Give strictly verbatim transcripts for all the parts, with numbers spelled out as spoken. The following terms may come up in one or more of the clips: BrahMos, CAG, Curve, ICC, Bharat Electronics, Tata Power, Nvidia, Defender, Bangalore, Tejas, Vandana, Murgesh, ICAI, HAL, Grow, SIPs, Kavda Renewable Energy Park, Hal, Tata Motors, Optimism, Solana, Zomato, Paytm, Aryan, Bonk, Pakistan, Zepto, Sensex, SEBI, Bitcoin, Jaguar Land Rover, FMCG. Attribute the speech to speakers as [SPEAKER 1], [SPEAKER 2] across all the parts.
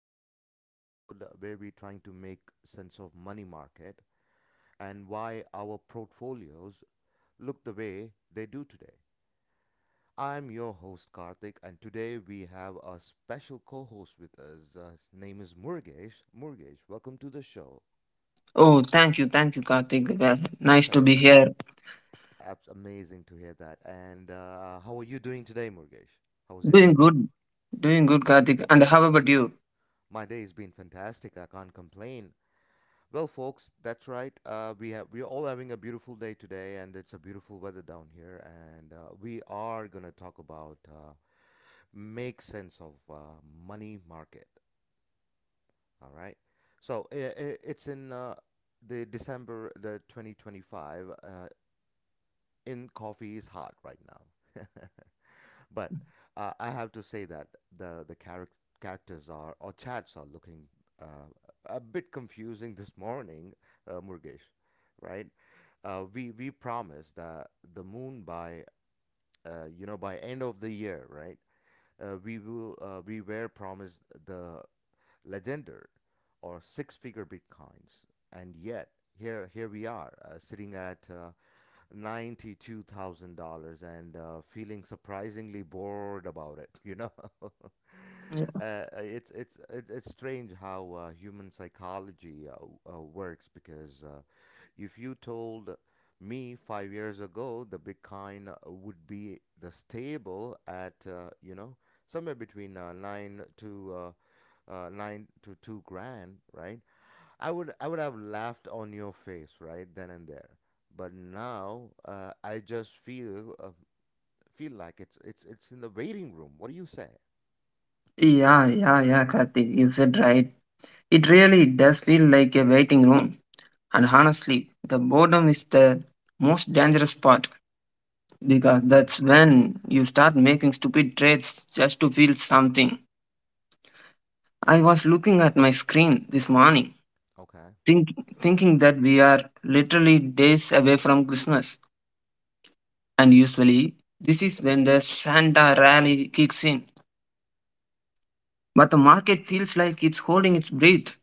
[SPEAKER 1] another episode where we're trying to make sense of money market and why our portfolios look the way they do today. I'm your host Karthik, and today we have a special co-host with us. Uh, his name is Murgesh. Murgesh, welcome to the show.
[SPEAKER 2] Oh, thank you, thank you, Karthik. Uh, Nice to be here.
[SPEAKER 1] That's amazing to hear that. And uh, how are you doing today, Murgesh? How's your day
[SPEAKER 2] Doing
[SPEAKER 1] been?
[SPEAKER 2] good, doing good, Karthik. And how about you?
[SPEAKER 1] My day has been fantastic. I can't complain. Well, folks, that's right. Uh, we have we're all having a beautiful day today, and it's a beautiful weather down here. And uh, we are gonna talk about uh, make sense of uh, money market. All right. So I I it's in uh, the December the twenty twenty-five. Uh, in coffee is hot right now. But uh, I have to say that the the charac- characters are or chats are looking uh, a bit confusing this morning, uh, Murgesh. Right? Uh, we we promised that the moon by uh, you know by end of the year, right? Uh, we will uh, we were promised the legendary or six figure Bitcoins, and yet here here we are uh, sitting at uh, ninety-two thousand dollars and uh, feeling surprisingly bored about it, you know?
[SPEAKER 2] Yeah,
[SPEAKER 1] Uh, it's it's it's it's strange how uh, human psychology uh, uh, works because uh, if you told me five years ago the Bitcoin uh, would be the stable at uh, you know somewhere between uh, nine to uh, uh, nine to two grand, right? I would I would have laughed on your face right then and there. But now uh, I just feel uh, feel like it's it's it's in the waiting room. What do you say?
[SPEAKER 2] yeah, yeah, yeah, Karthik. You said right. It really does feel like a waiting room. And honestly, the boredom is the most dangerous part because
[SPEAKER 1] Hmm.
[SPEAKER 2] that's when you start making stupid trades just to feel something. I was looking at my screen this morning,
[SPEAKER 1] Okay.
[SPEAKER 2] think, thinking that we are literally days away from Christmas and usually this is when the Santa rally kicks in. But the market feels like it's holding its breath.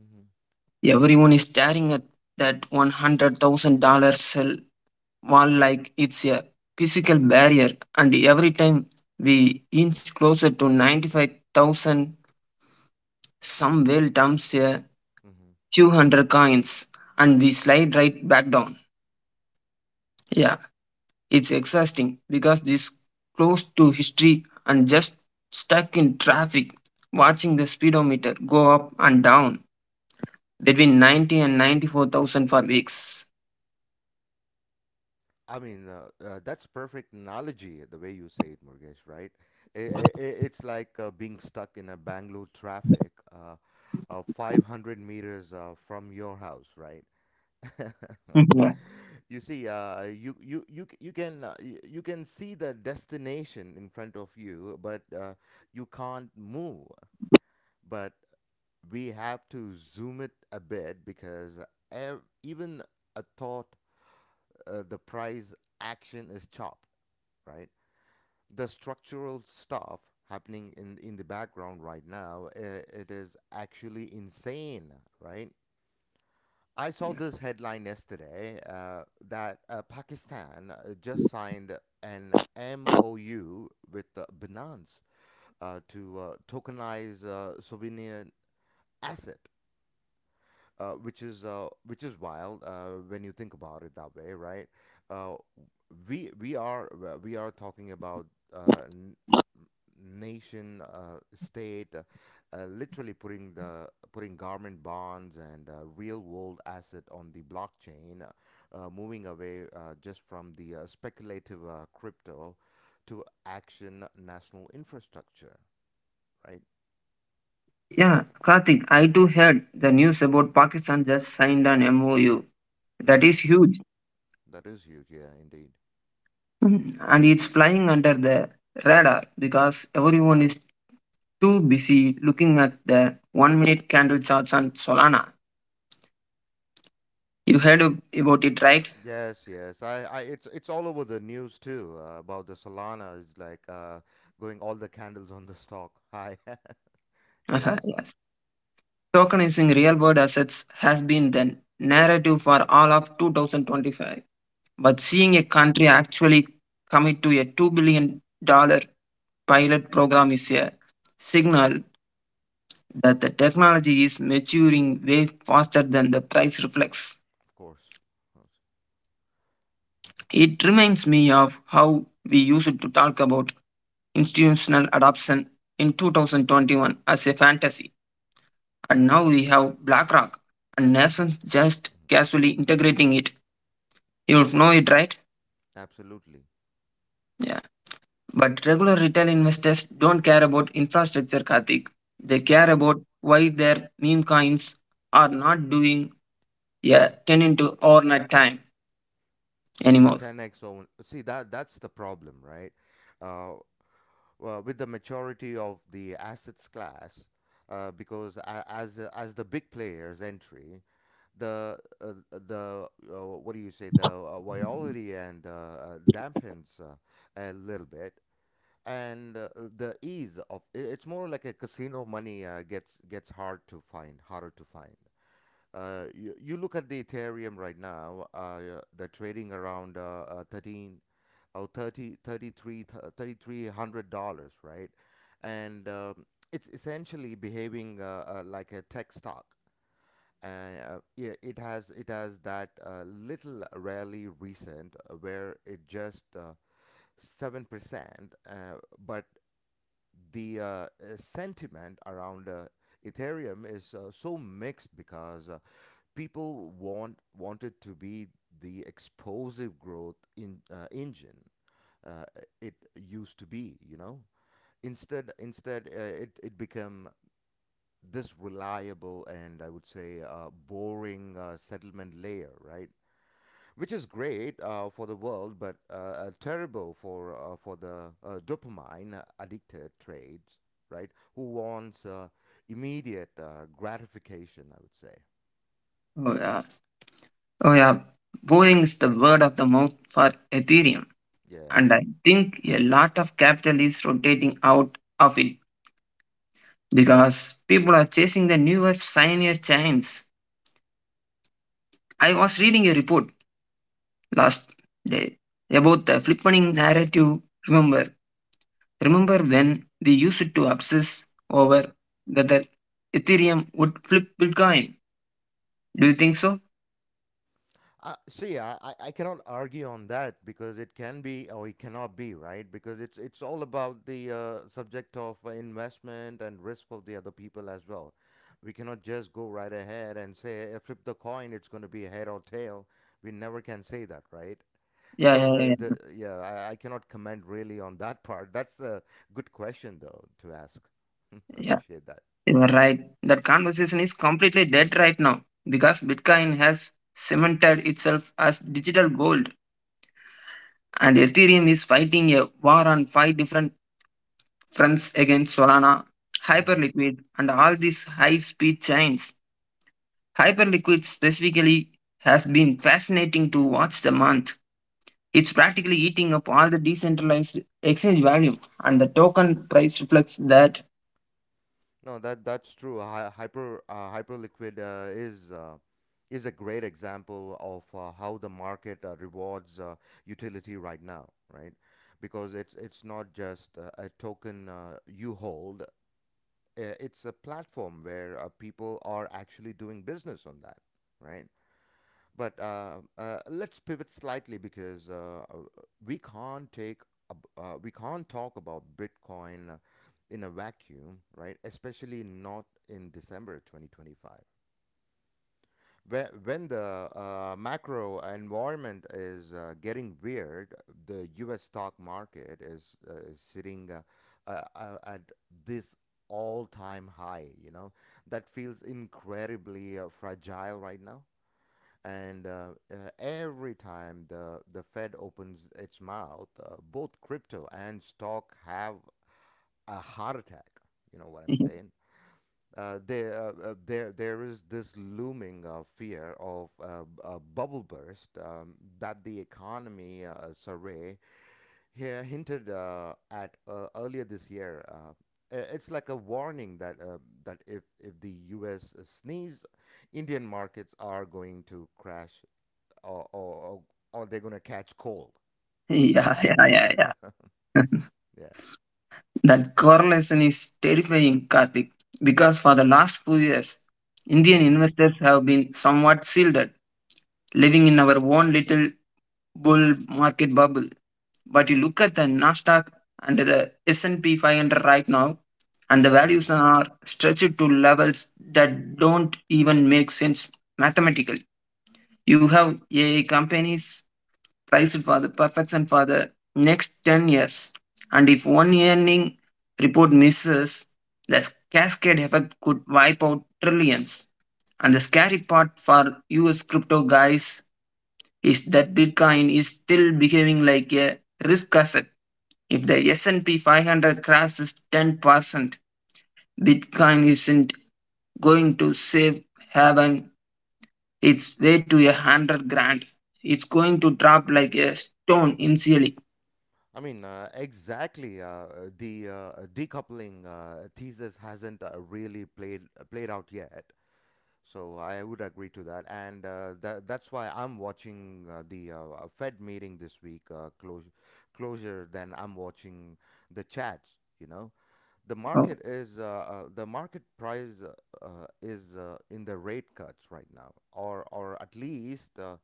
[SPEAKER 1] Hmm.
[SPEAKER 2] Everyone is staring at that one hundred thousand dollars sell wall like it's a physical barrier, and every time we inch closer to ninety-five thousand, some whale dumps a
[SPEAKER 1] Hmm.
[SPEAKER 2] few hundred coins and we slide right back down. Yeah, it's exhausting because this close to history and just stuck in traffic watching the speedometer go up and down between ninety and ninety-four thousand for weeks.
[SPEAKER 1] I mean, uh, uh, that's perfect analogy the way you say it, Murgesh. Right? I i i- it's like uh, being stuck in a Bangalore traffic, uh, uh, five hundred meters uh, from your house, right?
[SPEAKER 2] Yeah.
[SPEAKER 1] You see, uh, you you you c- you can uh, you, you can see the destination in front of you, but uh, you can't move. But we have to zoom it a bit because ev- even a thought, uh, the price action is chopped, right? The structural stuff happening in in the background right now, uh, it is actually insane, right? I saw this headline yesterday uh, that uh, Pakistan uh, just signed an M O U with uh, Binance uh, to uh, tokenize uh, sovereign asset, uh, which is uh, which is wild uh, when you think about it that way, right? Uh, we we are uh, we are talking about uh, n- nation, uh, state, uh, uh, literally putting the putting government bonds and uh, real world asset on the blockchain, uh, uh, moving away uh, just from the uh, speculative uh, crypto to action national infrastructure, right?
[SPEAKER 2] Yeah, Karthik, I too heard the news about Pakistan just signed an M O U. That
[SPEAKER 1] Mm-hmm.
[SPEAKER 2] is huge.
[SPEAKER 1] That is huge, yeah, indeed.
[SPEAKER 2] Mm, And it's flying under the radar because everyone is too busy looking at the one minute candle charts on Solana. You heard ab- about it, right?
[SPEAKER 1] Yes, yes. I, I, it's it's all over the news too uh, about the Solana is like uh, going all the candles on the stock high.
[SPEAKER 2] Uh-huh.
[SPEAKER 1] Yes.
[SPEAKER 2] Tokenizing real world assets has been the narrative for all of two thousand twenty-five. But
[SPEAKER 1] Mhm.
[SPEAKER 2] seeing a country actually commit to a two billion dollars pilot program is a signal that the technology is maturing way faster than the price reflects.
[SPEAKER 1] Of course, of course.
[SPEAKER 2] It reminds me of how we used to talk about institutional adoption in two thousand twenty-one as a fantasy, and now we have BlackRock and nations just
[SPEAKER 1] Hmm.
[SPEAKER 2] casually integrating it. You know it, right?
[SPEAKER 1] Absolutely.
[SPEAKER 2] Yeah. But regular retail investors don't care about infrastructure, Karthik. They care
[SPEAKER 1] Hmm.
[SPEAKER 2] about why their meme coins are not doing, yeah, ten into overnight time
[SPEAKER 1] I mean the
[SPEAKER 2] anymore.
[SPEAKER 1] ten x. own- See that that's the problem, right? Uh, well, with the maturity of the assets class, uh, because a- as as the big players entry, the uh, uh, the uh, what do you say the uh, virality and uh, uh, dampens uh, a little bit and uh, uh, the ease of i- it's more like a casino money uh, gets gets hard to find harder to find. uh, you, you look at the Ethereum right now, uh, yeah, they're trading around uh, uh, thirteen or thirty thirty-three thirty-three hundred dollars right, and um, it's essentially behaving uh, uh, like a tech stock, and uh, yeah, it has it has that uh, little rarely recent uh, where it just uh, seven percent, uh, but the uh, uh, sentiment around uh, Ethereum is uh, so mixed because uh, people want wanted to be the explosive growth in uh, engine uh, it used to be, you know. Instead, instead, uh, it it become this reliable and I would say uh, boring uh, settlement layer, right? Which is great uh, for the world, but uh, uh, terrible for uh, for the uh, dopamine addicted trades, right? Who wants uh, immediate uh, gratification? I would say,
[SPEAKER 2] Oh, yeah. Oh, yeah. Boring is the word of the mouth for Ethereum.
[SPEAKER 1] yeah.
[SPEAKER 2] And I think a lot of capital is rotating out of it because people are chasing the newer, shinier chains. I was reading a report last day about the flipping narrative. Remember, Remember when they used to obsess over
[SPEAKER 1] Mm-hmm.
[SPEAKER 2] whether Ethereum would flip Bitcoin? Do you think so?
[SPEAKER 1] Uh, see, I, I I cannot argue on that because it can be or it cannot be, right? Because it's it's all about the uh, subject of uh, investment and risk of the other people as well. We cannot just go right ahead and say, "Eh, flip the coin, it's going to be head or tail." We never can say that, right?
[SPEAKER 2] Yeah,
[SPEAKER 1] So,
[SPEAKER 2] yeah,
[SPEAKER 1] the,
[SPEAKER 2] yeah.
[SPEAKER 1] the, yeah, I, I cannot comment really on that part. That's a good question, though, to ask.
[SPEAKER 2] Yeah,
[SPEAKER 1] Appreciate that.
[SPEAKER 2] you are right. That conversation is completely dead right now because Bitcoin has cemented itself as digital gold and Ethereum is fighting a war on five different fronts against Solana,
[SPEAKER 1] Hmm.
[SPEAKER 2] Hyperliquid, and all these high speed chains. Hyperliquid specifically has been fascinating to watch the month. It's practically eating up all the decentralized exchange value, and the token price reflects that.
[SPEAKER 1] No, that that's true. Hy hyper uh, Hyperliquid uh, is uh, is a great example of uh, how the market uh, rewards uh, utility right now, right? Because it's it's not just uh, a token uh, you hold. uh, It's a platform where uh, people are actually doing business on that, right? But uh, uh, let's pivot slightly because uh, uh, we can't take ab- uh, we can't talk about Bitcoin in a vacuum, right? Especially not in December twenty twenty-five, where when the uh, macro environment is uh, getting weird. The U S stock market is uh, is sitting uh, uh, uh, at this all-time high. You know that feels incredibly uh, fragile right now. And uh, uh, every time the, the Fed opens its mouth, uh, both crypto and stock have a heart attack. You know what I'm
[SPEAKER 2] Yeah,
[SPEAKER 1] saying? Uh, there, uh, uh, there, there is this looming uh, fear of uh, b- a bubble burst, um, that the economy uh, survey here hinted uh, at uh, earlier this year. Uh, i- it's like a warning that uh, that if if the U S sneeze, Indian markets are going to crash or or or, or they're gonna catch cold.
[SPEAKER 2] yeah,
[SPEAKER 1] Sorry, yeah.
[SPEAKER 2] yeah, yeah.
[SPEAKER 1] Yeah.
[SPEAKER 2] That correlation is terrifying, Karthik, because for the last few years, Indian
[SPEAKER 1] Hmm.
[SPEAKER 2] investors have been somewhat shielded, living in our own little bull market bubble. But you look at the Nasdaq and the S and P five hundred right now, and the
[SPEAKER 1] Hmm.
[SPEAKER 2] values are stretched to levels that don't even make sense mathematically. You have A I companies praised for the perfection for the next ten years. And if one earning report misses, the cascade effect could wipe out trillions. And the scary part for U S crypto guys is that Bitcoin is still behaving like a risk asset. If the S and P five hundred crashes ten percent, Bitcoin isn't going to save heaven. It's way to a hundred grand. It's going to drop like a stone initially.
[SPEAKER 1] I mean, uh, exactly. Uh, the uh, decoupling uh, thesis hasn't uh, really played uh, played out yet, so I would agree to that, and uh, that that's why I'm watching uh, the uh, uh, Fed meeting this week uh, closure closure than I'm watching the chats. You know, the market
[SPEAKER 2] Oh,
[SPEAKER 1] is uh, uh, the market price uh, uh, is uh, in the rate cuts right now, or or at least uh,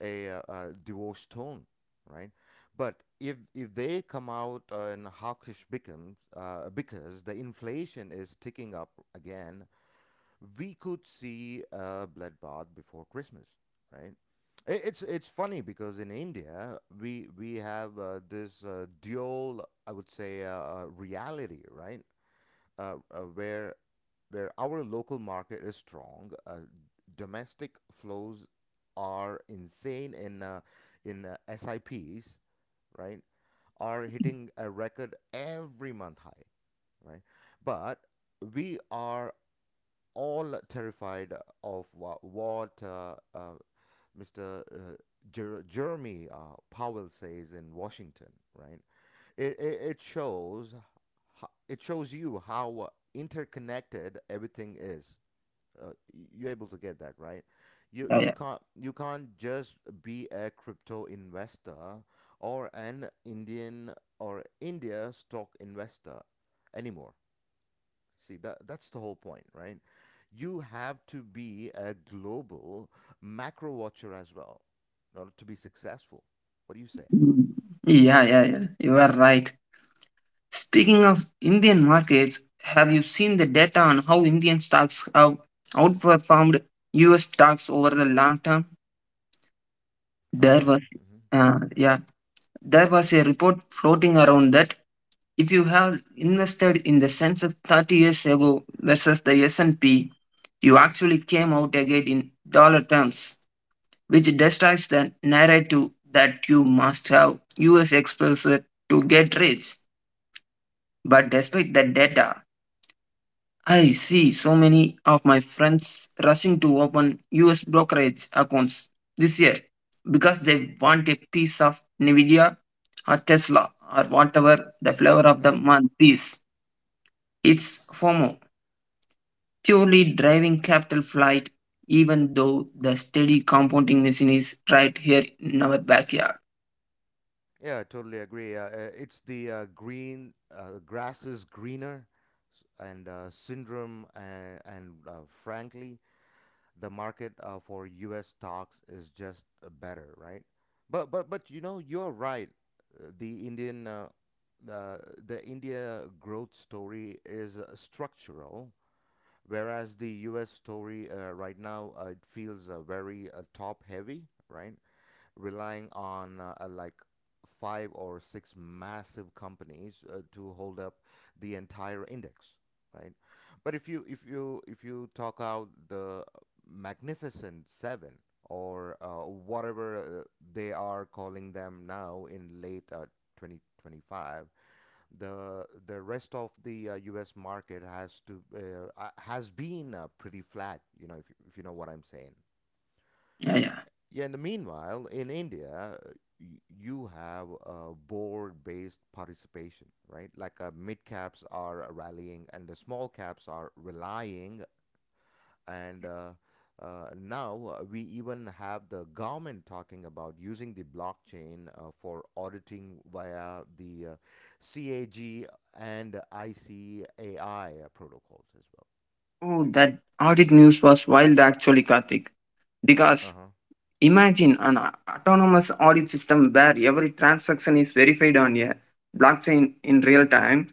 [SPEAKER 1] a, uh uh divorce tone, right? But if if they come out uh, and hawkish becomes uh, because the inflation is ticking up again, we could see a bloodbath before Christmas, right? I- It's it's funny because in India we we have uh, this uh, dual, I would say uh, uh, reality, right? uh, uh, where where our local market is strong, uh, domestic flows are insane in uh, in uh, S I Ps, right? Are hitting a record every month high, right? But we are all terrified of what, what uh, uh, Mister Uh, Jer- Jeremy uh, Powell says in Washington, right? it, it it shows it shows you how uh, interconnected everything is. Uh, you're able to get that right. You
[SPEAKER 2] yeah,
[SPEAKER 1] you
[SPEAKER 2] yeah.
[SPEAKER 1] can't you can't just be a crypto investor or an Indian or India stock investor anymore. See that that's the whole point, right? You have to be a global macro watcher as well in order to be successful. What do you say?
[SPEAKER 2] Mm. Yeah, yeah, yeah. You are right. Speaking of Indian markets, have you seen the data on how Indian stocks have outperformed U S stocks over the long term? There
[SPEAKER 1] Okay.
[SPEAKER 2] was, uh, yeah, there was a report floating around that if you have invested in the Sensex thirty years ago versus the S and P, you actually came out ahead in dollar terms, which destroys the narrative that you must have U S exposure to get rich. But despite the data, I see so many of my friends rushing to open U S brokerage accounts this year because they want a piece of Nvidia or Tesla or whatever the flavor of
[SPEAKER 1] Mm-hmm.
[SPEAKER 2] the
[SPEAKER 1] Mm-hmm.
[SPEAKER 2] month is. It's FOMO, purely driving capital flight, even though the steady compounding machine is right here in our backyard.
[SPEAKER 1] Yeah, I totally agree. Uh, uh, it's the uh, green uh, grass is greener s- and uh, syndrome and, and uh, frankly, the market uh, for U S stocks is just uh, better, right? But but but you know you're right. Uh, The Indian uh, uh, the India growth story is uh, structural, whereas the U S story uh, right now uh, it feels uh, very uh, top heavy, right? Relying on uh, uh, like five or six massive companies uh, to hold up the entire index, right? But if you if you if you talk out the Magnificent Seven or uh, whatever uh, they are calling them now in late uh, twenty twenty-five, the the rest of the uh, U S market has to uh, uh, has been uh, pretty flat, you know if, you- if you know what I'm saying.
[SPEAKER 2] Yeah, yeah.
[SPEAKER 1] Yeah, and meanwhile, in India, y- you have a board based participation, right? Like uh, mid caps are rallying and the small caps are relying. And uh, uh, now uh, we even have the government talking about using the blockchain uh, for auditing via the uh, C A G and I C A I protocols as well.
[SPEAKER 2] Oh, that audit news was wild actually, Karthik.
[SPEAKER 1] Uh
[SPEAKER 2] Because
[SPEAKER 1] huh.
[SPEAKER 2] imagine an a- autonomous audit system where every transaction is verified on a blockchain in real time.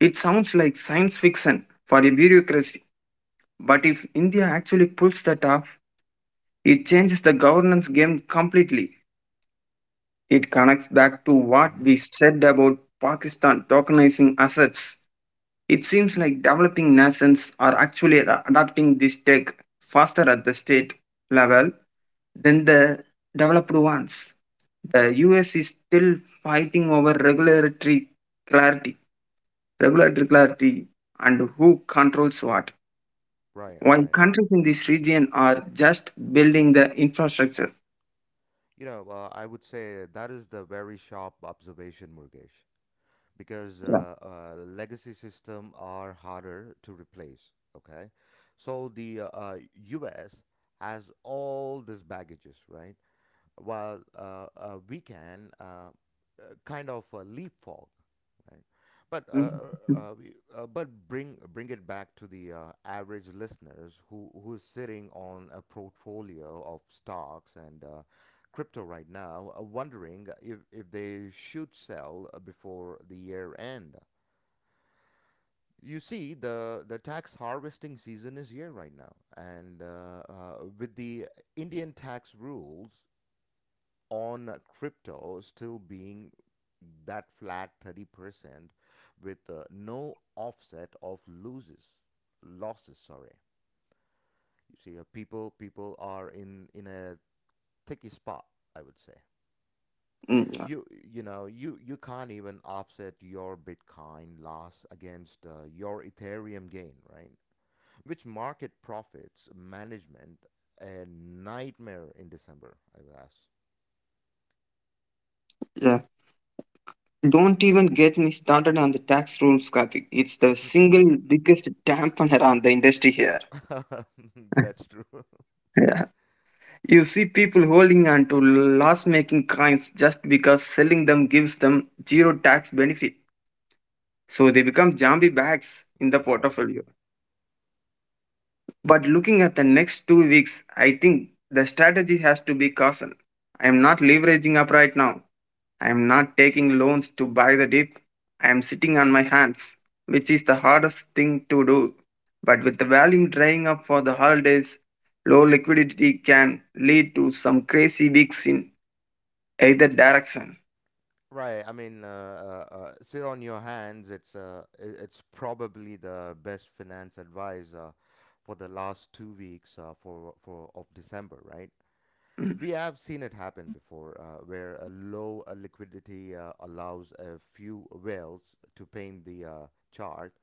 [SPEAKER 2] It sounds like science fiction for a bureaucracy. But if India actually pulls that off, it changes the governance game completely. It connects back to what
[SPEAKER 1] Hmm.
[SPEAKER 2] we said about Pakistan tokenizing assets. It seems like developing nations are actually ad- adopting this tech faster at the state level than the developed ones. The U S is still fighting over regulatory clarity, regulatory clarity and who controls what.
[SPEAKER 1] Right,
[SPEAKER 2] While
[SPEAKER 1] right.
[SPEAKER 2] countries in this region are just building the infrastructure.
[SPEAKER 1] You know, uh, I would say that is the very sharp observation, Murgesh, because
[SPEAKER 2] Yeah.
[SPEAKER 1] uh, uh, legacy systems are harder to replace. Okay, so the uh, uh, U S has all these baggages, right? While uh, uh, we can uh, uh, kind of uh, leapfrog, right? But uh,
[SPEAKER 2] Mhm.
[SPEAKER 1] uh, uh, we- uh, but bring bring it back to the uh, average listeners who who's sitting on a portfolio of stocks and uh, crypto right now, uh, wondering if if they should sell uh, before the year end. You see, the the tax harvesting season is here right now, and uh, uh, with the Indian tax rules on crypto still being that flat thirty percent, with uh, no offset of loses, losses, sorry. You see, uh, people people are in in a sticky spot, I would say.
[SPEAKER 2] Mm, yeah.
[SPEAKER 1] You you know you you can't even offset your Bitcoin loss against uh, your Ethereum gain, right? Which market profits management, a nightmare in December, I would ask.
[SPEAKER 2] Yeah. Don't even get me started on the tax rules, Karthik. It's the single biggest dampener on the industry here.
[SPEAKER 1] That's true.
[SPEAKER 2] Yeah. You see people holding on to loss making coins just because selling them gives them zero tax benefit. So they become zombie bags in the
[SPEAKER 1] Yeah.
[SPEAKER 2] portfolio. But looking at the next two weeks, I think the strategy has to be caution. I am not leveraging up right now. I am not taking loans to buy the dip. I am sitting on my hands, which is the hardest thing to do. But with the volume drying up for the holidays, low liquidity can lead to some crazy weeks in either direction.
[SPEAKER 1] Right. I mean, uh, uh, uh, sit on your hands. It's uh, i- it's probably the best finance advice uh, for the last two weeks uh, for for of December. Right. We have seen it happen before, uh, where a low uh, liquidity uh, allows a few whales to paint the uh, chart,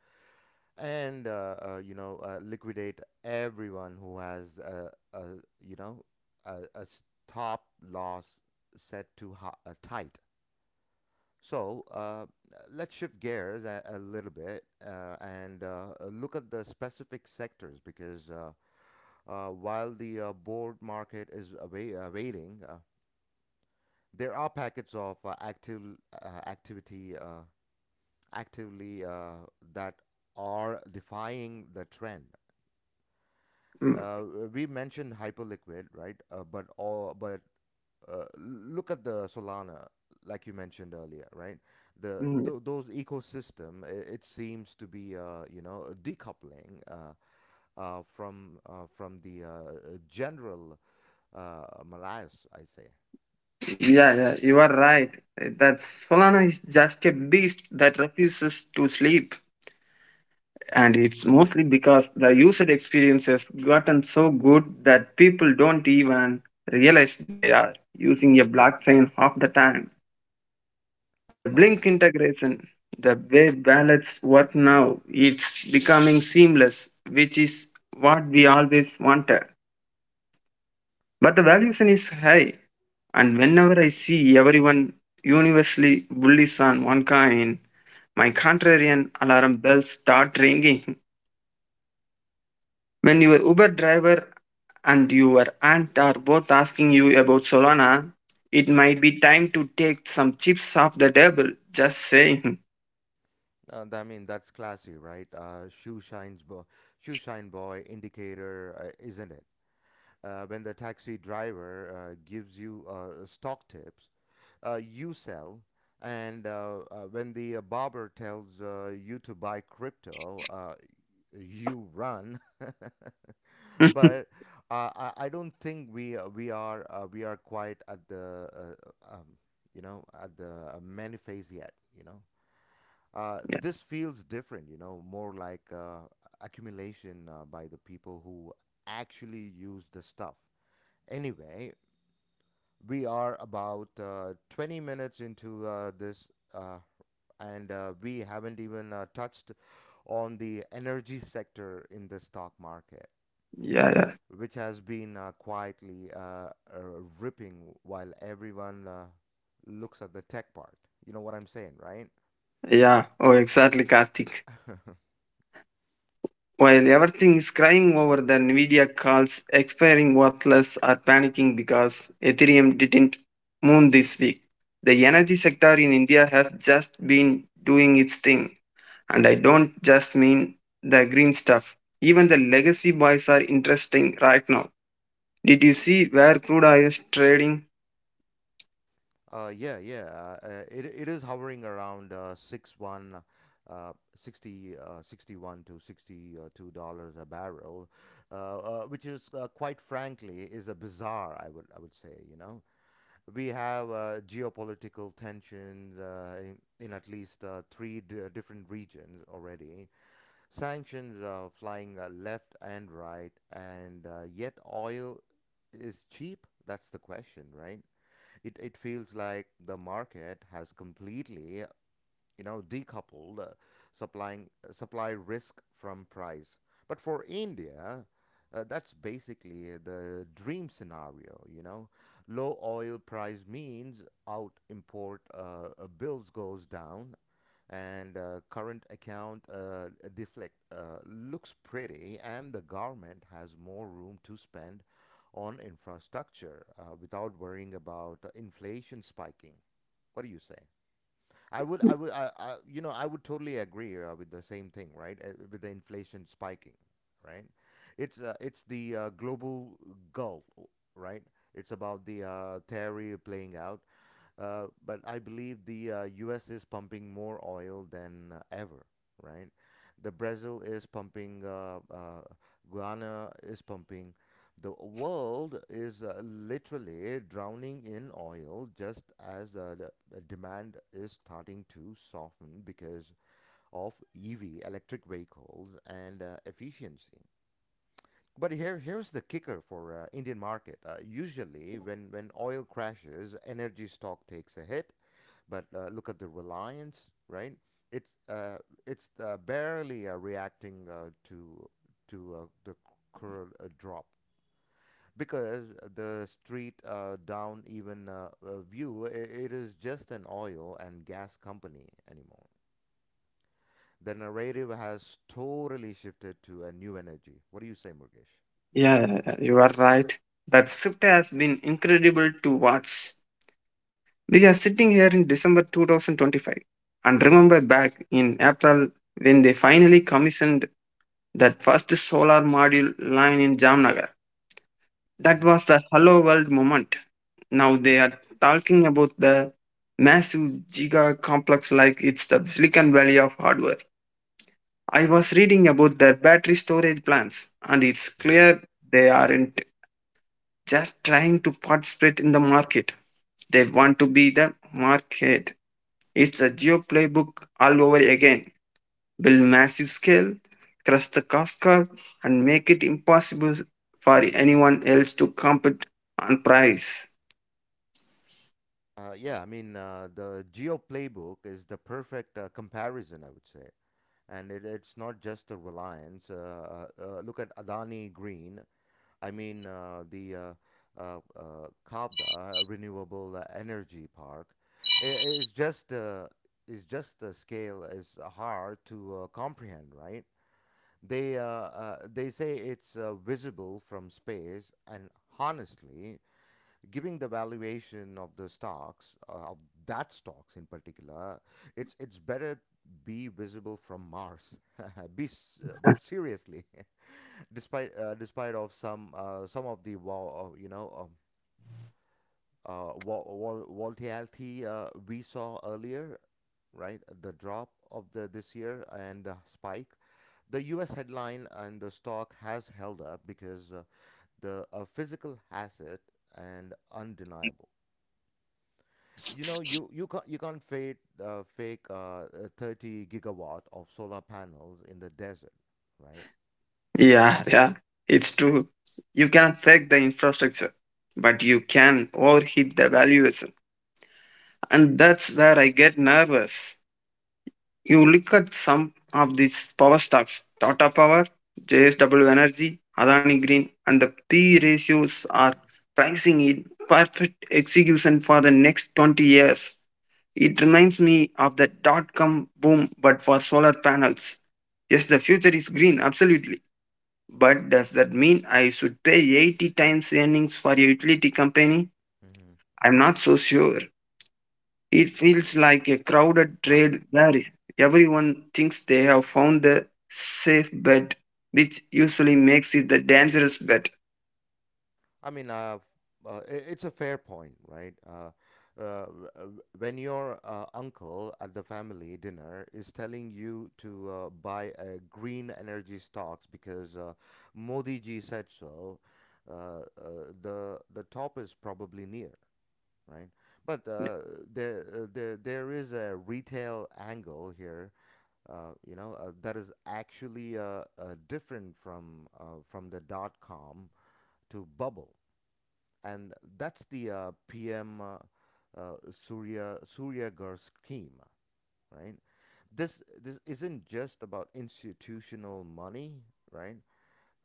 [SPEAKER 1] and uh, uh, you know uh, liquidate everyone who has a, a you know a, a stop loss set too high, uh, tight. So uh, let's shift gears a, a little bit, uh, and uh, uh, look at the specific sectors, because uh, uh, while the uh, board market is awai- uh, uh, there are packets of uh, active uh, activity, uh, actively uh, that are defying the trend.
[SPEAKER 2] Mm,
[SPEAKER 1] Uh, we mentioned Hyperliquid, right? Uh, but all, but uh, look at the Solana, like you mentioned earlier, right? The
[SPEAKER 2] mm,
[SPEAKER 1] th- those ecosystem, it, it seems to be, uh, you know, decoupling, uh, uh, from uh, from the uh, uh, general uh, malaise, I say.
[SPEAKER 2] yeah, yeah, you are right. That Solana is just a beast that refuses to sleep. And it's mostly because the user experience has gotten so good that people don't even realize they are using a blockchain half the time. The
[SPEAKER 1] All
[SPEAKER 2] Blink
[SPEAKER 1] right.
[SPEAKER 2] integration, the way wallets work now, it's becoming seamless, which is what we always wanted. But the valuation is high. And whenever I see everyone universally bullies on one coin, my contrarian alarm bells start ringing. When your Uber driver and your aunt are both asking you about Solana, it might be time to take some chips off the table. Just saying.
[SPEAKER 1] Uh, I mean, that's classy, right? Uh, shoe shines, bo- shoe shine boy indicator, uh, isn't it? Uh, when the taxi driver uh, gives you uh, stock tips, uh, you sell, and uh, uh, when the uh, barber tells uh, you to buy crypto, uh, you run.
[SPEAKER 2] Yeah,
[SPEAKER 1] But uh, I, I don't think we uh, we are uh, we are quite at the uh, um, you know at the uh, many phase yet. You know, uh, this feels different. You know, more like uh, accumulation uh, by the people who actually use the stuff. Anyway, we are about uh, twenty minutes into uh, this, uh, and uh, we haven't even uh, touched on the energy sector in the stock market,
[SPEAKER 2] yeah.
[SPEAKER 1] which has been uh, quietly uh, uh, ripping while everyone uh, looks at the tech part. You know what I'm saying, right?
[SPEAKER 2] Yeah. Oh, exactly, Karthik. While everything is crying over the Nvidia calls expiring, worthless are panicking because Ethereum didn't moon this week. The energy sector in India has just been doing its thing. And I don't just mean the green stuff. Even the legacy boys are interesting right now. Did you see where crude oil is trading?
[SPEAKER 1] Uh, yeah, yeah. Uh, uh, it it is hovering around uh, six one, uh, sixty, uh, sixty one to sixty uh, two dollars a barrel, uh, uh, which is uh, quite frankly is a bizarre. I would I would say, you know, we have uh, geopolitical tensions uh, in, in at least uh, three d- uh, different regions already. Sanctions are flying uh, left and right, and uh, yet oil is cheap. That's the question, right? it, it feels like the market has completely, you know, decoupled, uh, supplying uh, supply risk from price. But for India, uh, that's basically the dream scenario, you know. Low oil price means out import uh, uh, bills goes down, and uh, current account uh, deflect uh, looks pretty, and the government has more room to spend on infrastructure uh, without worrying about inflation spiking. What do you say? I would, I would, I, I, you know, I would totally agree uh, with the same thing, right? Uh, with the inflation spiking, right? It's, uh, it's the uh, global gull, right? It's about the uh, theory playing out. Uh, but I believe the uh, U S is pumping more oil than uh, ever, right? The Brazil is pumping, uh, uh, Guyana is pumping. The world is uh, literally drowning in oil, just as uh, the the demand is starting to soften because of E V, electric vehicles, and uh, efficiency. But here, here's the kicker for uh, Indian market. Uh, usually, when, when oil crashes, energy stock takes a hit, but uh, look at the Reliance, right? It's uh, it's uh, barely uh, reacting uh, to to uh, the current uh, drop, because the street uh, down even uh, uh, view I it is just an oil and gas company anymore. The narrative has totally shifted to a new energy. What do you say, Murgesh?
[SPEAKER 2] Yeah, you are right. That shift has been incredible to watch. We are sitting here in December two thousand twenty-five and remember back in April when they finally commissioned that first solar module line in Jamnagar. That
[SPEAKER 1] Mm-hmm.
[SPEAKER 2] was the hello world moment. Now they are talking about the massive giga complex like it's the Silicon Valley of hardware. I was reading about their battery storage plans and it's
[SPEAKER 1] Mm-hmm.
[SPEAKER 2] clear they aren't just trying to participate in the market. They want to be the market. It's a geo playbook all over again. Build massive scale, crush the cost curve, and make it impossible for anyone else to compete on price.
[SPEAKER 1] Uh, yeah, I mean, uh, the Geo Playbook is the perfect uh, comparison, I would say. And it, it's not just the Reliance. Uh, uh, uh, look at Adani Green. I mean, uh, the uh, uh, uh, Kavda uh, Renewable uh, Energy Park. I It's just uh, it's just the scale is hard to uh, comprehend, right? They uh, uh, they say it's uh, visible from space, and honestly, giving the valuation of the stocks uh, of that stocks in particular, it's it's better be visible from Mars. Be s- uh, but seriously, despite uh, despite of some uh, some of the wall, uh, you know um, uh, vol- vol- volatility uh, we saw earlier, right? The drop of the this year and the spike, the us headline, and the stock has held up because uh, the uh, physical asset and undeniable. You know, you you can't you can't fake uh, fake uh, a thirty gigawatt of solar panels in the desert, right?
[SPEAKER 2] Yeah, yeah, it's true. You cannot fake the infrastructure, but you can overheat the valuation. And that's where I get nervous. You look at some of these power stocks, Tata Power, J S W Energy, Adani Green, and the P ratios are pricing in perfect execution for the next twenty years. It reminds me of the dot com boom, but for solar panels. Yes, the future is green, absolutely. But does that mean I should pay eighty times earnings for a utility company?
[SPEAKER 1] Mm-hmm.
[SPEAKER 2] I'm not so sure. It feels like a crowded
[SPEAKER 1] Right.
[SPEAKER 2] trail where everyone thinks they have found the safe bet, which usually makes it the dangerous bet.
[SPEAKER 1] I mean, uh, uh, i- it's a fair point, right? Uh, uh, w- uh, when your uh, uncle at the family dinner is telling you to uh, buy uh, green energy stocks because uh, Modi ji said so, uh, uh, the the top is probably near, right? But uh, there, uh, there, there is a retail angle here, uh, you know, uh, that is actually uh, uh, different from uh, from the dot com to bubble, and that's the uh, P M uh, uh, Surya Suryagar scheme, right? This this isn't just about institutional money, right?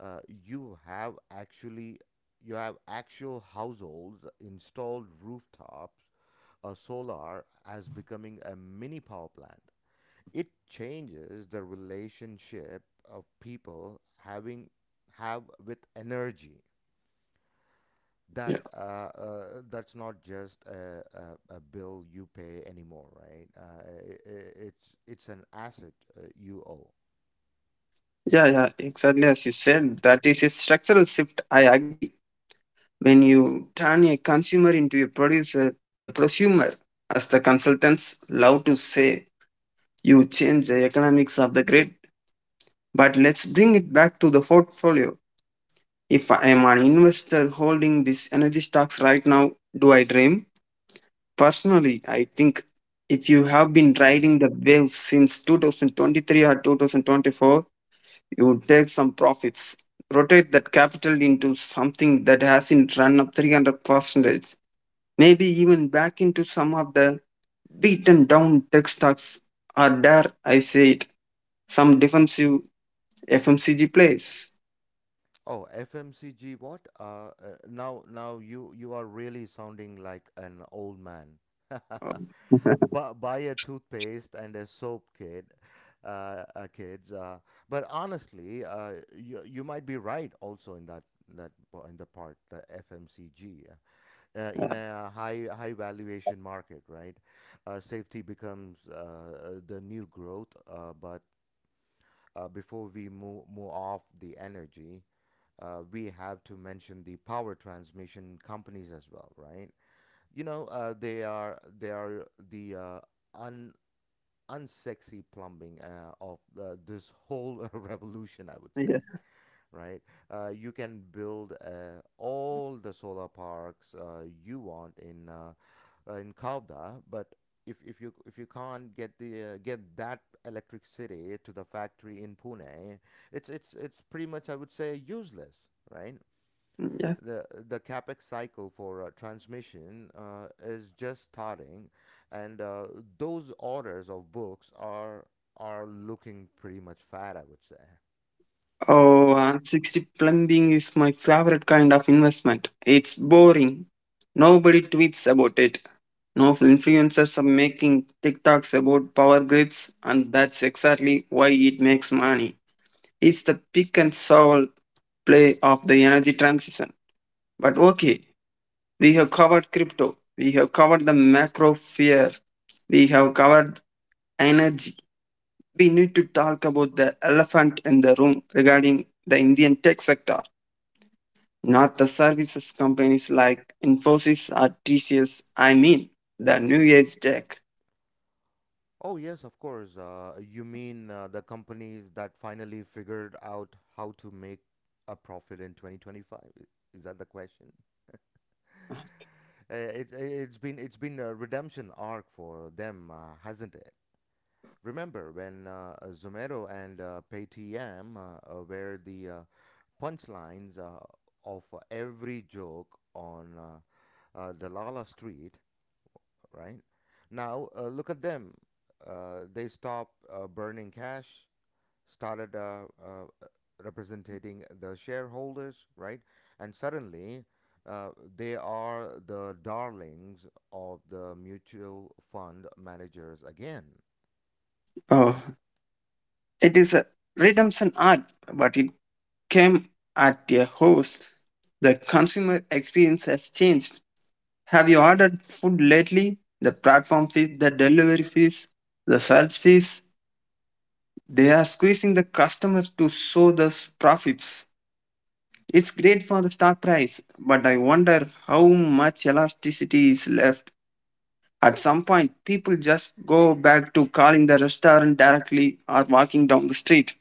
[SPEAKER 1] Uh, you have actually you have actual households installed rooftops, a solar as becoming a mini power plant. It changes the relationship of people having have with energy. That
[SPEAKER 2] Yeah,
[SPEAKER 1] uh, uh, that's not just a, a, a bill you pay anymore, right? Uh, i i- it's it's an asset uh, you owe.
[SPEAKER 2] yeah, yeah, exactly as you said. That is a structural shift. I agree. When you turn a consumer into a producer, a prosumer, as the consultants love to say, you change the economics of the grid. But let's bring it back to the portfolio. If I am an investor holding these energy stocks right now, do I dream? Personally, I think if you have been
[SPEAKER 1] Mm-hmm.
[SPEAKER 2] riding the wave since two thousand twenty-three or two thousand twenty-four, you would take some profits. Rotate that capital into something that hasn't run up three hundred percent, maybe even back into some of the beaten down tech stocks, or dare I say it, some defensive F M C G plays.
[SPEAKER 1] Oh, F M C G what? Uh, uh, now now you you are really sounding like an old man. Bu buy a toothpaste and a soap kid, uh, uh, kids. Uh, but honestly, uh, you you might be right also in that that po- in the part the F M C G uh, uh, in a high high valuation market, right? Uh, safety becomes uh, uh, the new growth, uh, but uh, before we move, move off the energy, uh, we have to mention the power transmission companies as well, right? You know, uh, they are they are the uh, un unsexy plumbing uh, of uh, this whole revolution, I would
[SPEAKER 2] Yeah.
[SPEAKER 1] say, right? Uh, you can build uh, all the solar parks uh, you want in uh, uh, in Kalda, but if, if you if you can't get the uh, get that electric city to the factory in Pune, it's it's it's pretty much, I would say, useless, right? the the capex cycle for uh, transmission uh, is just starting, and uh, those orders of books are are looking pretty much fat, I would say,
[SPEAKER 2] Oh,
[SPEAKER 1] right?
[SPEAKER 2] and sixty plumbing is my favorite kind of investment. It's boring. Nobody tweets about it. No influencers are making TikToks about power grids, and that's exactly why it makes money. It's the pick and shovel play of the energy transition. But okay, we have covered crypto, we have covered the macro fear, we have covered energy. We need to talk about the elephant in the room regarding the Indian tech sector, not the services companies like Infosys or T C S. I mean, the New Age tech.
[SPEAKER 1] Oh yes, of course. Uh, you mean uh, the companies that finally figured out how to make a profit in twenty twenty five? Is that the question? Uh, it's it's been it's been a redemption arc for them, uh, hasn't it? Remember when uh, uh, Zomero and uh, Paytm uh, uh, were the uh, punchlines uh, of uh, every joke on uh, uh, the Lala Street, right? Now uh, look at them. Uh, they stopped uh, burning cash, started uh, uh, representing the shareholders, right? And suddenly, uh, they are the darlings of the mutual fund managers again, right?
[SPEAKER 2] Oh, it is a redemption art, but it came at a host. The consumer experience has changed. Have you ordered food lately? The platform fees, the delivery fees, the search fees. They are squeezing the customers to show the profits. It's great for the stock price, but I wonder how much elasticity is left. At some point, people just go back to calling the restaurant directly or walking down the street.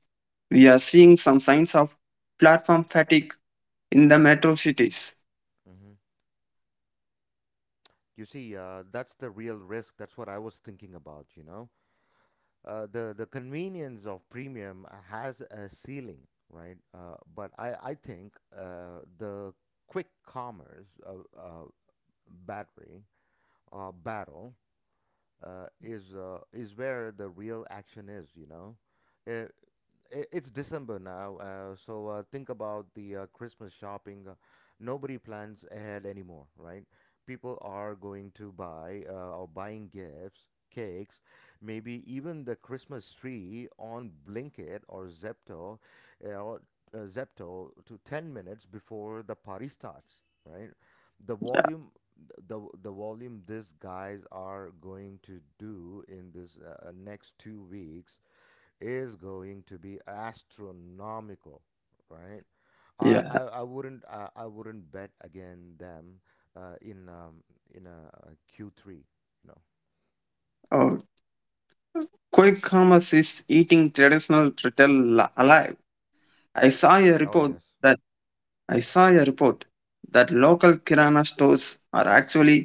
[SPEAKER 2] We are seeing some signs of platform fatigue in the metro cities.
[SPEAKER 1] Mm-hmm. You see, uh, that's the real risk. That's what I was thinking about, you know. Uh, the the convenience of premium has a ceiling, right? Uh, but I I think uh, the quick commerce uh, uh, battery uh, battle uh, is uh, is where the real action is, you know. Uh, i- it's December now, uh, so uh, think about the uh, Christmas shopping. Uh, nobody plans ahead anymore, right? People are going to buy uh, or buying gifts, cakes, maybe even the Christmas tree on Blinkit or Zepto, uh, or uh, Zepto to ten minutes before the party starts, right? The volume the the volume these guys are going to do in this uh, uh, next two weeks is going to be astronomical, right? I,
[SPEAKER 2] Yeah.
[SPEAKER 1] I, I wouldn't I, I wouldn't bet against them uh, in um, in a, a Q three. You know.
[SPEAKER 2] Oh, quick commerce is eating traditional retail li- alive. I saw a
[SPEAKER 1] Oh
[SPEAKER 2] report
[SPEAKER 1] yes,
[SPEAKER 2] that I saw a report that local kirana stores are actually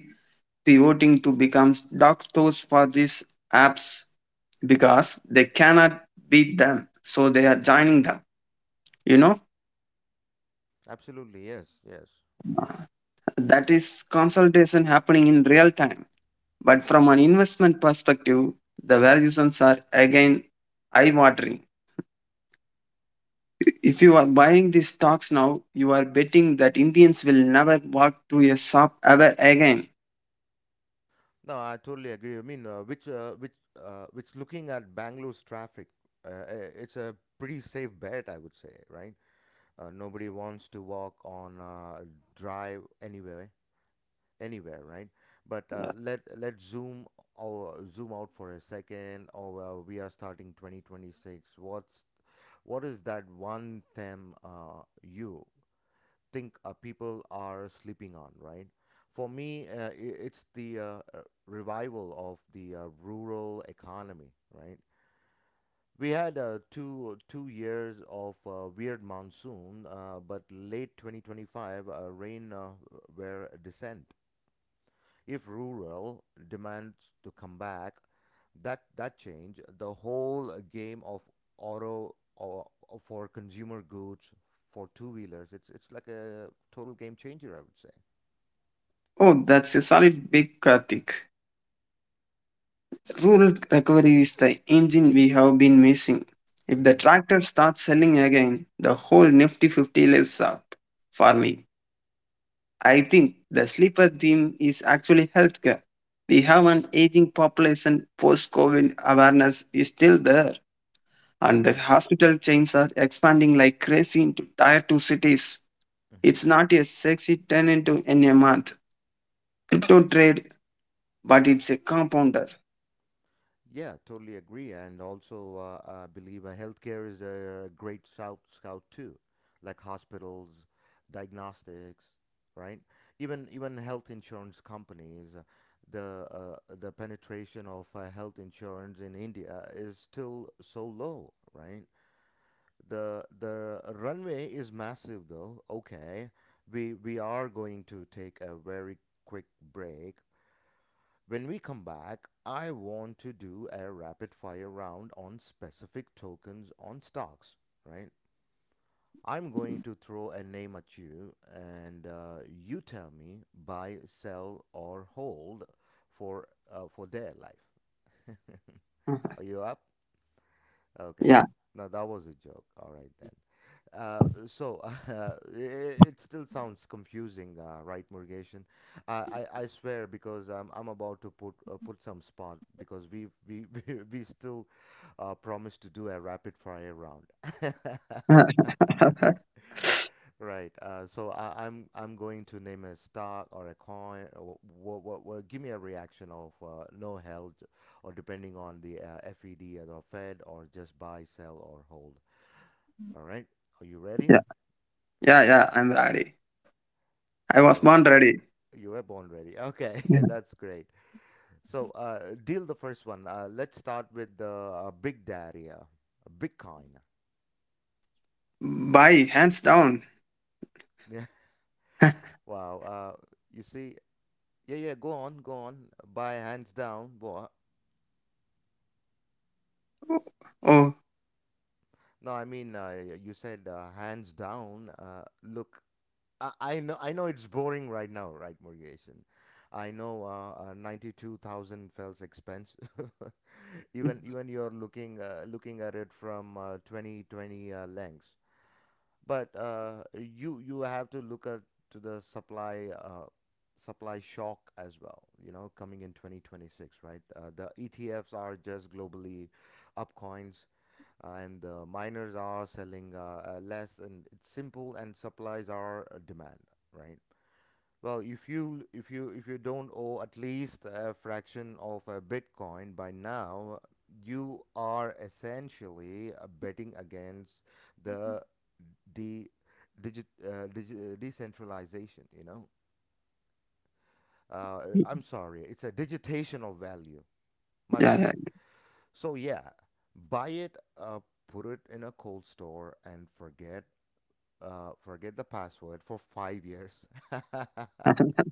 [SPEAKER 2] pivoting to become dark stores for these apps because they cannot beat them, so they are joining them. you know
[SPEAKER 1] absolutely, yes, yes.
[SPEAKER 2] that is consolidation happening in real time, but from an investment perspective, the valuations are again eye watering. If you are buying these stocks now, you are betting that Indians will never walk to a shop ever again.
[SPEAKER 1] No, I totally agree. I mean, uh, which uh, which uh, which looking at Bangalore's traffic, uh, i- it's a pretty safe bet, I would say, right? Uh, nobody wants to walk on uh, drive anyway, anywhere, right? But uh, let let's zoom or zoom out for a second. Or well, we are starting twenty twenty-six. What's what is that one thing uh, you think uh, people are sleeping on, right? For me, uh, i- it's the uh, uh, revival of the uh, rural economy, right? We had uh, two two years of uh, weird monsoon, uh, but late twenty twenty-five uh, rain uh, were descent if rural demands to come back, that that change the whole game of auto or, or for consumer goods for two wheelers. It's it's like a total game changer, I would say.
[SPEAKER 2] Oh, that's a solid big, Karthik. Rural recovery is the engine we have been missing. If the
[SPEAKER 1] Hmm
[SPEAKER 2] tractor starts selling again, the whole Nifty fifty lives up. For me, I think the sleeper theme is actually healthcare. We have an aging population, post COVID awareness is still there, and the
[SPEAKER 1] Right.
[SPEAKER 2] hospital chains are expanding like crazy into tier two cities.
[SPEAKER 1] hmm
[SPEAKER 2] It's not a sexy turn into in a month crypto trade, but it's a compounder.
[SPEAKER 1] Yeah, totally agree. And also, uh, I believe uh, healthcare is a great scout, scout too, like hospitals, diagnostics, right? Even even health insurance companies. uh, The uh, the penetration of uh, health insurance in India is still so low, right? The the runway is massive, though. Okay, we we are going to take a very quick break. When we come back, I want to do a rapid fire round on specific tokens on stocks, right? I'm going to throw a name at you and uh, you tell me buy, sell, or hold for, uh, for their life. Are you up? Okay.
[SPEAKER 2] Yeah.
[SPEAKER 1] No, that was a joke. All right then. Uh, so uh, it, it still sounds confusing, uh, right, Murgation? I, I I swear because I'm I'm about to put uh, put some spot because we we we, we still uh, promised to do a rapid fire round.
[SPEAKER 2] Yeah,
[SPEAKER 1] Right. Uh, so I, I'm I'm going to name a stock or a coin. Or what, what, what, give me a reaction of uh, no held, or depending on the uh, FED or the Fed, or just buy, sell, or hold. All right. Are you ready?
[SPEAKER 2] yeah, yeah, I'm ready. I was
[SPEAKER 1] You're
[SPEAKER 2] born ready.
[SPEAKER 1] you were born ready. Okay,
[SPEAKER 2] Yeah.
[SPEAKER 1] that's great. So, uh, deal the first one. Uh, let's start with the uh, big daddy, uh, Bitcoin.
[SPEAKER 2] Bye, hands down.
[SPEAKER 1] Yeah. Wow. Uh, you see. Yeah, yeah. Go on, go on. Buy hands down. What?
[SPEAKER 2] Oh,
[SPEAKER 1] No, I mean, uh, you said uh, hands down. Uh, look, I, I know, I know it's boring right now, right, Morgation? I know uh, uh, ninety-two thousand felt expensive. even even you're looking uh, looking at it from uh, twenty twenty uh, lens, but uh, you you have to look at to the supply uh, supply shock as well, you know, coming in twenty twenty-six. Right, uh, the etfs are just globally up coins, uh, and the miners are selling uh, uh, less, and it's simple, and supplies are uh, demand, right? Well, if you if you if you don't owe at least a fraction of a Bitcoin by now, you are essentially uh, betting against the de digit, uh, digi- uh, decentralization. You know, uh, I'm sorry, it's a digitation of value. My
[SPEAKER 2] yeah,
[SPEAKER 1] bad. So yeah, buy it, uh, put it in a cold store, and forget uh, forget the password for five years.
[SPEAKER 2] yeah.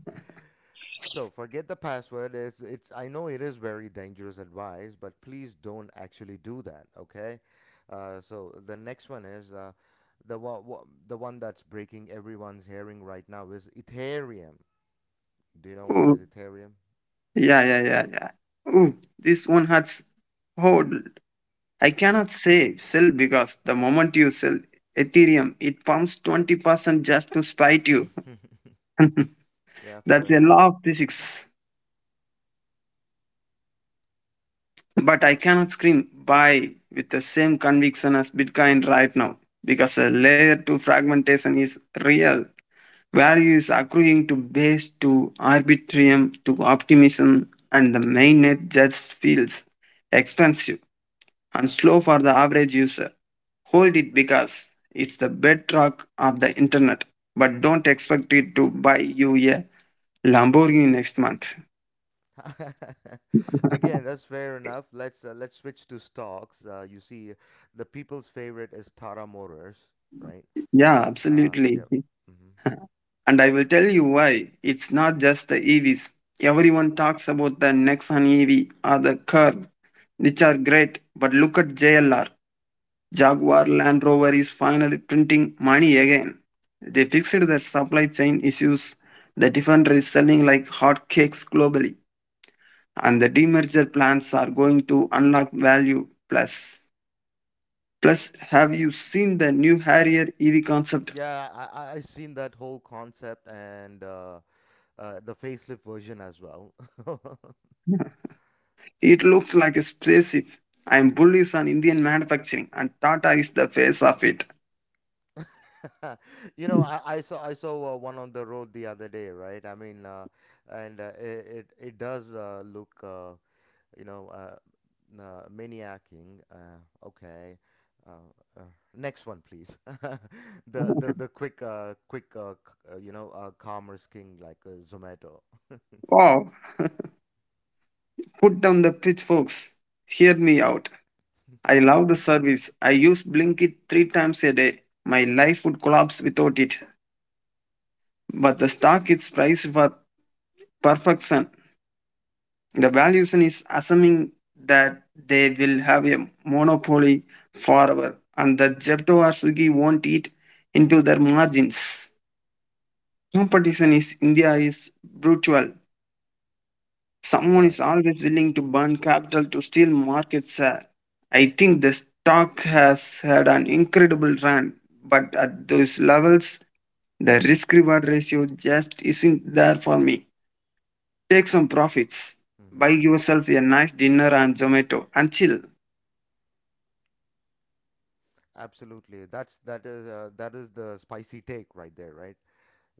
[SPEAKER 1] So forget the password. It's it's I know it is very dangerous advice, but please don't actually do that. Okay. Uh, so the next one is uh, the wa- wa- the one that's breaking everyone's hearing right now is Ethereum. Do you know what
[SPEAKER 2] Oh.
[SPEAKER 1] is Ethereum?
[SPEAKER 2] Yeah, yeah, yeah, yeah. Ooh, this one has hold. I cannot say sell because the moment you sell Ethereum, it pumps twenty percent just to spite you.
[SPEAKER 1] Mm-hmm. Yeah, fair
[SPEAKER 2] That's a
[SPEAKER 1] enough.
[SPEAKER 2] law of physics. But I cannot scream buy with the same conviction as Bitcoin right now because the layer two fragmentation is real. Value is accruing to base, to arbitrium, to optimism, and the mainnet just feels expensive and slow for the average user. Hold it because it's the bedrock of the internet, but don't expect it to buy you a Lamborghini next month.
[SPEAKER 1] Again, that's fair enough. Let's uh, let's switch to stocks. Uh, you see, the people's favorite is Tara Motors, right?
[SPEAKER 2] Yeah,
[SPEAKER 1] Uh,
[SPEAKER 2] absolutely.
[SPEAKER 1] yeah.
[SPEAKER 2] And I will tell you why. It's not just the E Vs. Everyone talks about the Nexon E V or the Curve, which are great, but look at J L R. Jaguar Land Rover is finally printing money again. They fixed their supply chain issues. The Defender is selling like hotcakes globally, and the demerger plans are going to unlock value. Plus, plus, have you seen the new Harrier E V concept?
[SPEAKER 1] Yeah, I I I seen that whole concept, and uh, uh, the facelift version as well.
[SPEAKER 2] It looks like a spaceship. I'm bullish on Indian manufacturing, and Tata is the face of it.
[SPEAKER 1] You know, I, I saw I saw uh, one on the road the other day, right? I mean, uh, and uh, it, it it does uh, look uh, you know uh, uh, maniacing. Uh, okay, uh, uh, next one, please. The the the quick uh, quick uh, c- uh, you know uh, commerce king like uh, Zomato.
[SPEAKER 2] Wow! Put down the pitchforks. Hear me out. I love the service. I use Blinkit three times a day. My life would collapse without it. But the stock is priced for perfection. The valuation is assuming that they will have a monopoly forever and that Jepto or Swiggy won't eat into their margins. Competition in India is brutal. Someone
[SPEAKER 1] Right.
[SPEAKER 2] is always willing to burn capital to steal market share. I think the stock has had an incredible run, but at those levels, the risk reward ratio just isn't there for me. Take some profits, buy yourself a nice dinner on Zomato, and chill.
[SPEAKER 1] Absolutely. That's that is uh, that is the spicy take right there, right?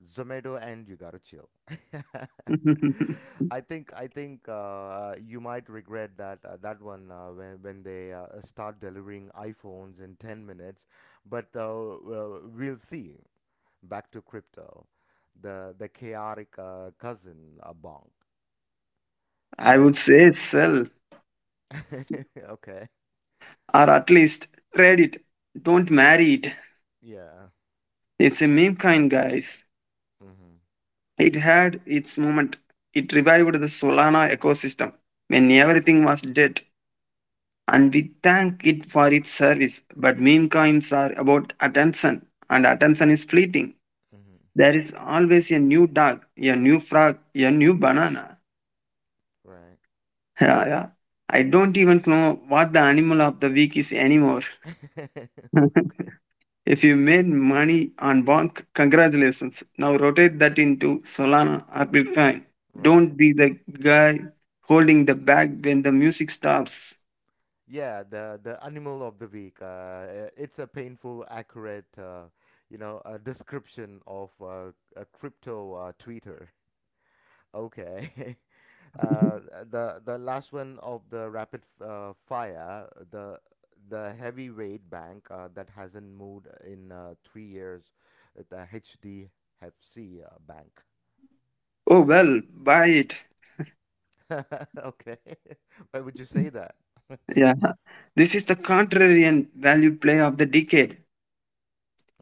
[SPEAKER 1] Zomato and you gotta chill. I think I think uh, you might regret that uh, that one uh, when when they uh, start delivering iPhones in ten minutes, but uh, well, we'll see. Back to crypto, the the chaotic uh, cousin uh, bonk,
[SPEAKER 2] I
[SPEAKER 1] right?
[SPEAKER 2] would say sell,
[SPEAKER 1] Okay.
[SPEAKER 2] or at least trade it. Don't marry it.
[SPEAKER 1] Yeah.
[SPEAKER 2] It's a meme kind, guys.
[SPEAKER 1] Mm-hmm.
[SPEAKER 2] It had its moment. It revived the Solana ecosystem when everything was dead, and we thank it for its service. But meme coins are about attention, and attention is fleeting.
[SPEAKER 1] Mm-hmm.
[SPEAKER 2] There is always a new dog, a new frog, a new banana.
[SPEAKER 1] Right.
[SPEAKER 2] Yeah, yeah. I don't even know what the animal of the week is anymore.
[SPEAKER 1] Okay.
[SPEAKER 2] If you made money on Bonk, congratulations. Now rotate that into Solana or Bitcoin.
[SPEAKER 1] Right.
[SPEAKER 2] Don't be the guy holding the bag when the music stops.
[SPEAKER 1] Yeah, the the animal of the week. Uh, uh, it's a painful, accurate, uh, you know, uh description of uh, a crypto uh, Twitter. Okay, uh, the the last one of the rapid f- uh, fire, the the heavyweight bank uh, that hasn't moved in uh, three years, uh, the H D F C uh, bank.
[SPEAKER 2] Oh well, buy it.
[SPEAKER 1] Okay, why would you say that?
[SPEAKER 2] Yeah. This is the contrarian value play of the decade.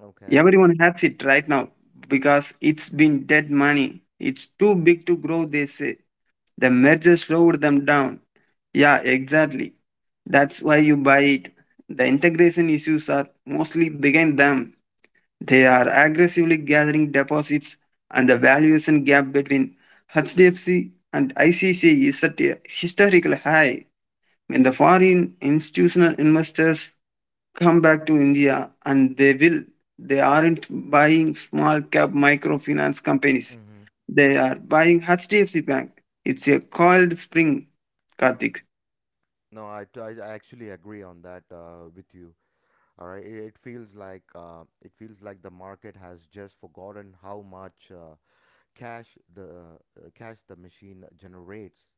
[SPEAKER 1] Okay.
[SPEAKER 2] Everyone has it right now because it's been dead money. It's too big to grow, they say. The merger slowed them down. Yeah, exactly. That's why you buy it. The integration issues are mostly behind them. They are aggressively gathering deposits, and the valuation gap between H D F C and I C C is at a historical high. When the foreign institutional investors come back to India, and they will, they aren't buying small cap microfinance companies.
[SPEAKER 1] Mm-hmm.
[SPEAKER 2] They are buying H D F C Bank. It's a coiled spring, Karthik.
[SPEAKER 1] No, I, I I actually agree on that uh, with you. All right, it, it feels like uh, it feels like the market has just forgotten how much uh, cash the uh, cash the machine generates.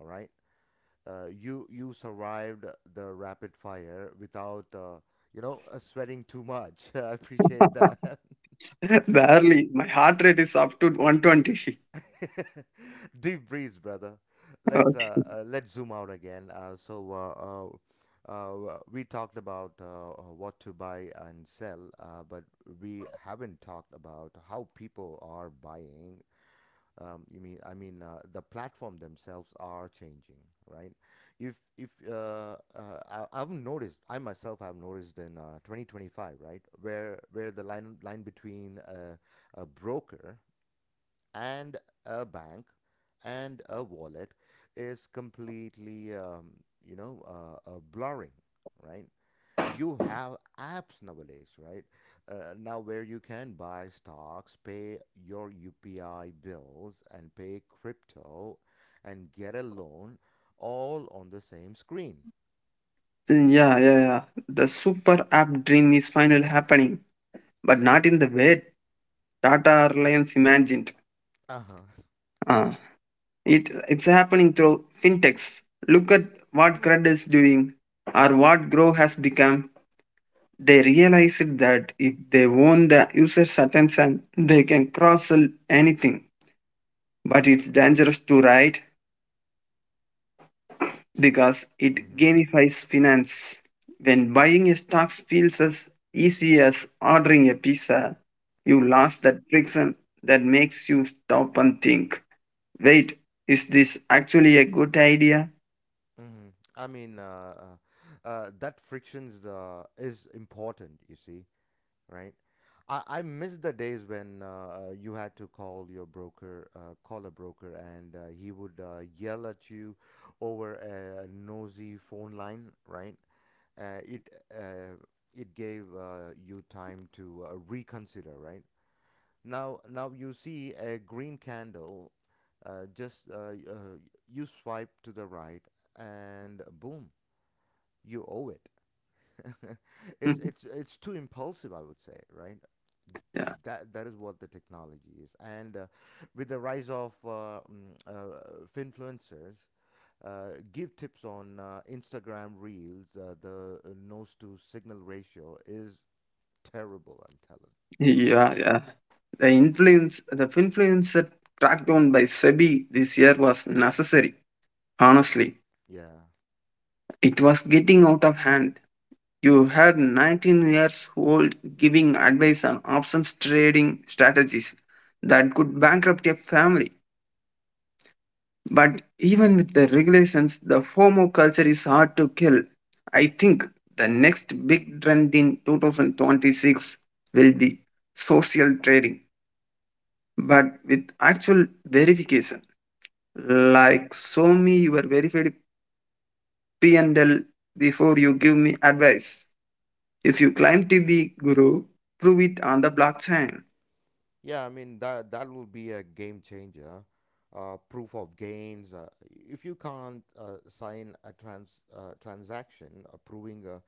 [SPEAKER 1] All right, uh, you you survived the rapid fire without uh, you know uh, sweating too much. I appreciate that.
[SPEAKER 2] Barely. My heart rate is up to one twenty.
[SPEAKER 1] Deep breeze, brother. Let's uh,
[SPEAKER 2] Okay.
[SPEAKER 1] uh let's zoom out again. Uh, so uh, uh, uh we talked about uh, uh, what to buy and sell, uh, but we haven't talked about how people are buying. Um, you mean I mean uh, the platform themselves are changing, right? If if uh, uh I, I've noticed, I myself have noticed in uh, twenty twenty-five, right, where where the line line between uh, a broker and a bank and a wallet is completely um, you know uh, uh, blurring, right? You have apps nowadays, right? Uh, now, where you can buy stocks, pay your upi bills, and pay crypto, and get a loan, all on the same screen.
[SPEAKER 2] Yeah, yeah, yeah. The super app dream is finally happening, but not in the way Tata Reliance imagined.
[SPEAKER 1] Uh-huh
[SPEAKER 2] Ah. It, it's happening through fintechs. Look at what Crud is doing or what Grow has become. They realized that if they own the user's attention, they can cross sell anything. But it's dangerous to write because it
[SPEAKER 1] mm-hmm.
[SPEAKER 2] gamifies finance. When buying a stock feels as easy as ordering a pizza, you
[SPEAKER 1] Right.
[SPEAKER 2] lost that friction that makes you stop and think. Wait, is this actually a good idea?
[SPEAKER 1] Mm-hmm. I mean, uh, uh, uh, that frictions uh, is important, you see, right? I, I miss the days when uh, uh, you had to call your broker, uh, call a broker, and uh, he would uh, yell at you over a nosy phone line, right? Uh, it uh, it gave uh, you time to uh, reconsider, right? Now now you see a green candle, uh, just uh, y- uh, you swipe to the right, and boom, you owe it. it's it's it's too impulsive, I would say, right?
[SPEAKER 2] Yeah,
[SPEAKER 1] That that is what the technology is, and uh, with the rise of uh, mm, uh, finfluencers, uh, give tips on uh, Instagram reels. Uh, the uh, nose to signal ratio is terrible. I'm telling. Yeah,
[SPEAKER 2] yeah, yeah. The influence, the influencer crackdown by SEBI this year was necessary. Honestly,
[SPEAKER 1] yeah,
[SPEAKER 2] it was getting out of hand. You had nineteen years old giving advice on options trading strategies that could bankrupt a family. But even with the regulations, the FOMO culture is hard to kill. I think the next big trend in twenty twenty-six will be social trading, but with actual verification. Like, show me your verified P and L before you give me advice. If you climb to the guru, prove it on the blockchain.
[SPEAKER 1] yeah. I mean that that will be a game changer. Uh, proof of gains. Uh, if you can't uh, sign a trans uh, transaction approving a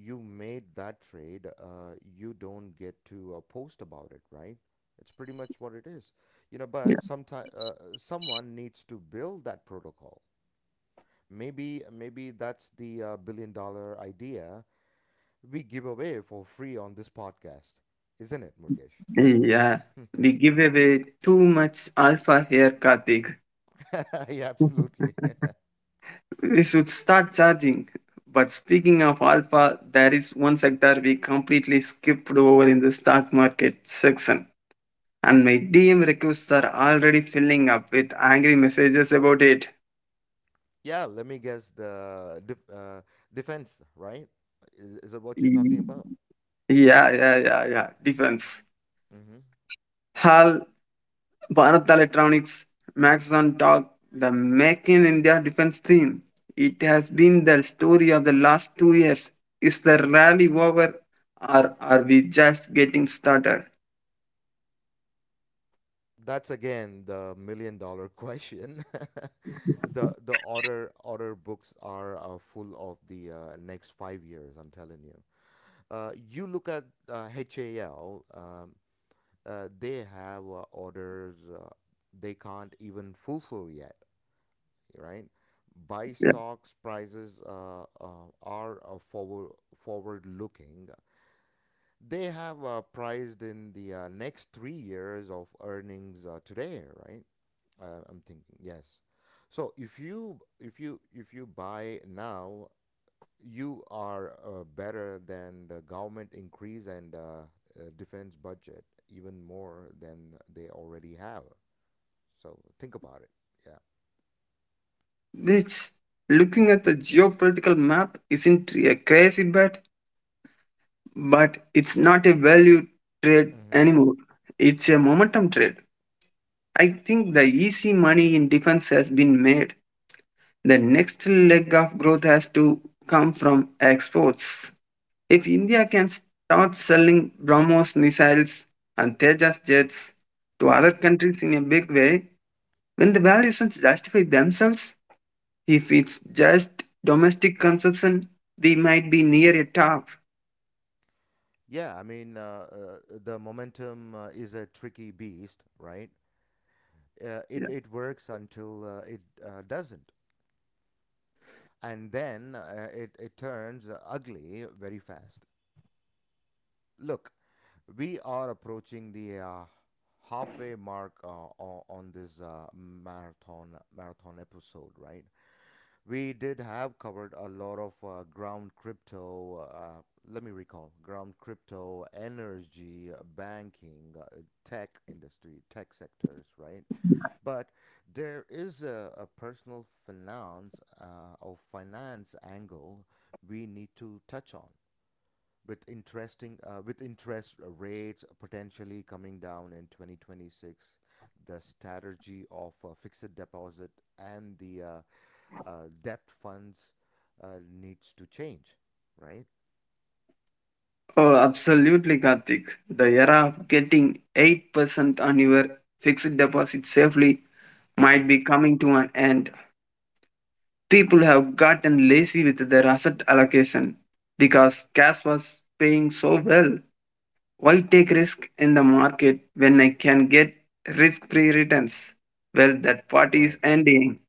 [SPEAKER 1] you made that trade, uh, you don't get to uh, post about it, right? It's pretty much what it is, you know. But sometimes uh, someone needs to build that protocol. Maybe maybe that's the uh, billion dollar idea we give away for free on this podcast, isn't it, Murgesh?
[SPEAKER 2] Yeah, we give away too much alpha here, Karthik.
[SPEAKER 1] Yeah, absolutely.
[SPEAKER 2] We should start charging. But speaking of alpha, there is one sector we completely skipped over in the stock market section. And my D M requests are already filling up with angry messages about it.
[SPEAKER 1] Yeah, let me guess the def- uh, defense, right? Is, is it what you're
[SPEAKER 2] Yeah,
[SPEAKER 1] talking about?
[SPEAKER 2] yeah, yeah, yeah. Defense.
[SPEAKER 1] Mm-hmm.
[SPEAKER 2] Hal, Bharat Electronics, Max on Talk, the Make in India defense theme. It has been the story of the last two years. Is the rally over or are we just getting started?
[SPEAKER 1] That's again the million dollar question. The the order order books are uh, full of the uh, next five years, I'm telling you. Uh, you look at uh, H A L, um, uh, they have uh, orders uh, they can't even fulfill yet, right? Buy
[SPEAKER 2] Yeah.
[SPEAKER 1] stocks prices uh, uh, are uh, forward forward looking. They have uh, priced in the uh, next three years of earnings uh, today, right? Uh, I'm thinking, yes. So if you if you if you buy now, you are uh, better than the government increase and uh, uh, defense budget even more than they already have. So think about it. Yeah.
[SPEAKER 2] Which, looking at the geopolitical map, isn't a crazy bet, but it's not a value trade
[SPEAKER 1] Mm-hmm.
[SPEAKER 2] anymore. It's a momentum trade. I think the easy money in defense has been made. The next leg of growth has to come from exports. If India can start selling BrahMos missiles and Tejas jets to
[SPEAKER 1] Mm-hmm.
[SPEAKER 2] other countries in a big way, when the valuations justify themselves, if it's just domestic consumption, they might be near a top.
[SPEAKER 1] Yeah, I mean, uh, uh, the momentum uh, is a tricky beast, right? Uh,
[SPEAKER 2] Yeah.
[SPEAKER 1] it it works until uh, it uh, doesn't, and then uh, it it turns ugly very fast. Look, we are approaching the uh, halfway mark uh, o- on this uh, marathon marathon episode, right? We did have covered a lot of uh, ground crypto uh, let me recall ground crypto, energy, uh, banking, uh, tech industry tech sectors, right? But there is a, a personal finance uh, or finance angle we need to touch on. With interesting uh, with interest rates potentially coming down in twenty twenty-six, the strategy of uh, fixed deposit and the uh, uh, debt funds uh, needs to change, right?
[SPEAKER 2] Oh, absolutely, Karthik. The era of getting eight percent on your fixed deposit safely might
[SPEAKER 1] Mm-hmm.
[SPEAKER 2] be coming to an end. People have gotten lazy with their asset allocation because cash was paying so well. Why take risk in the market when I can get risk-free returns? Well, that party is
[SPEAKER 1] Right.
[SPEAKER 2] ending.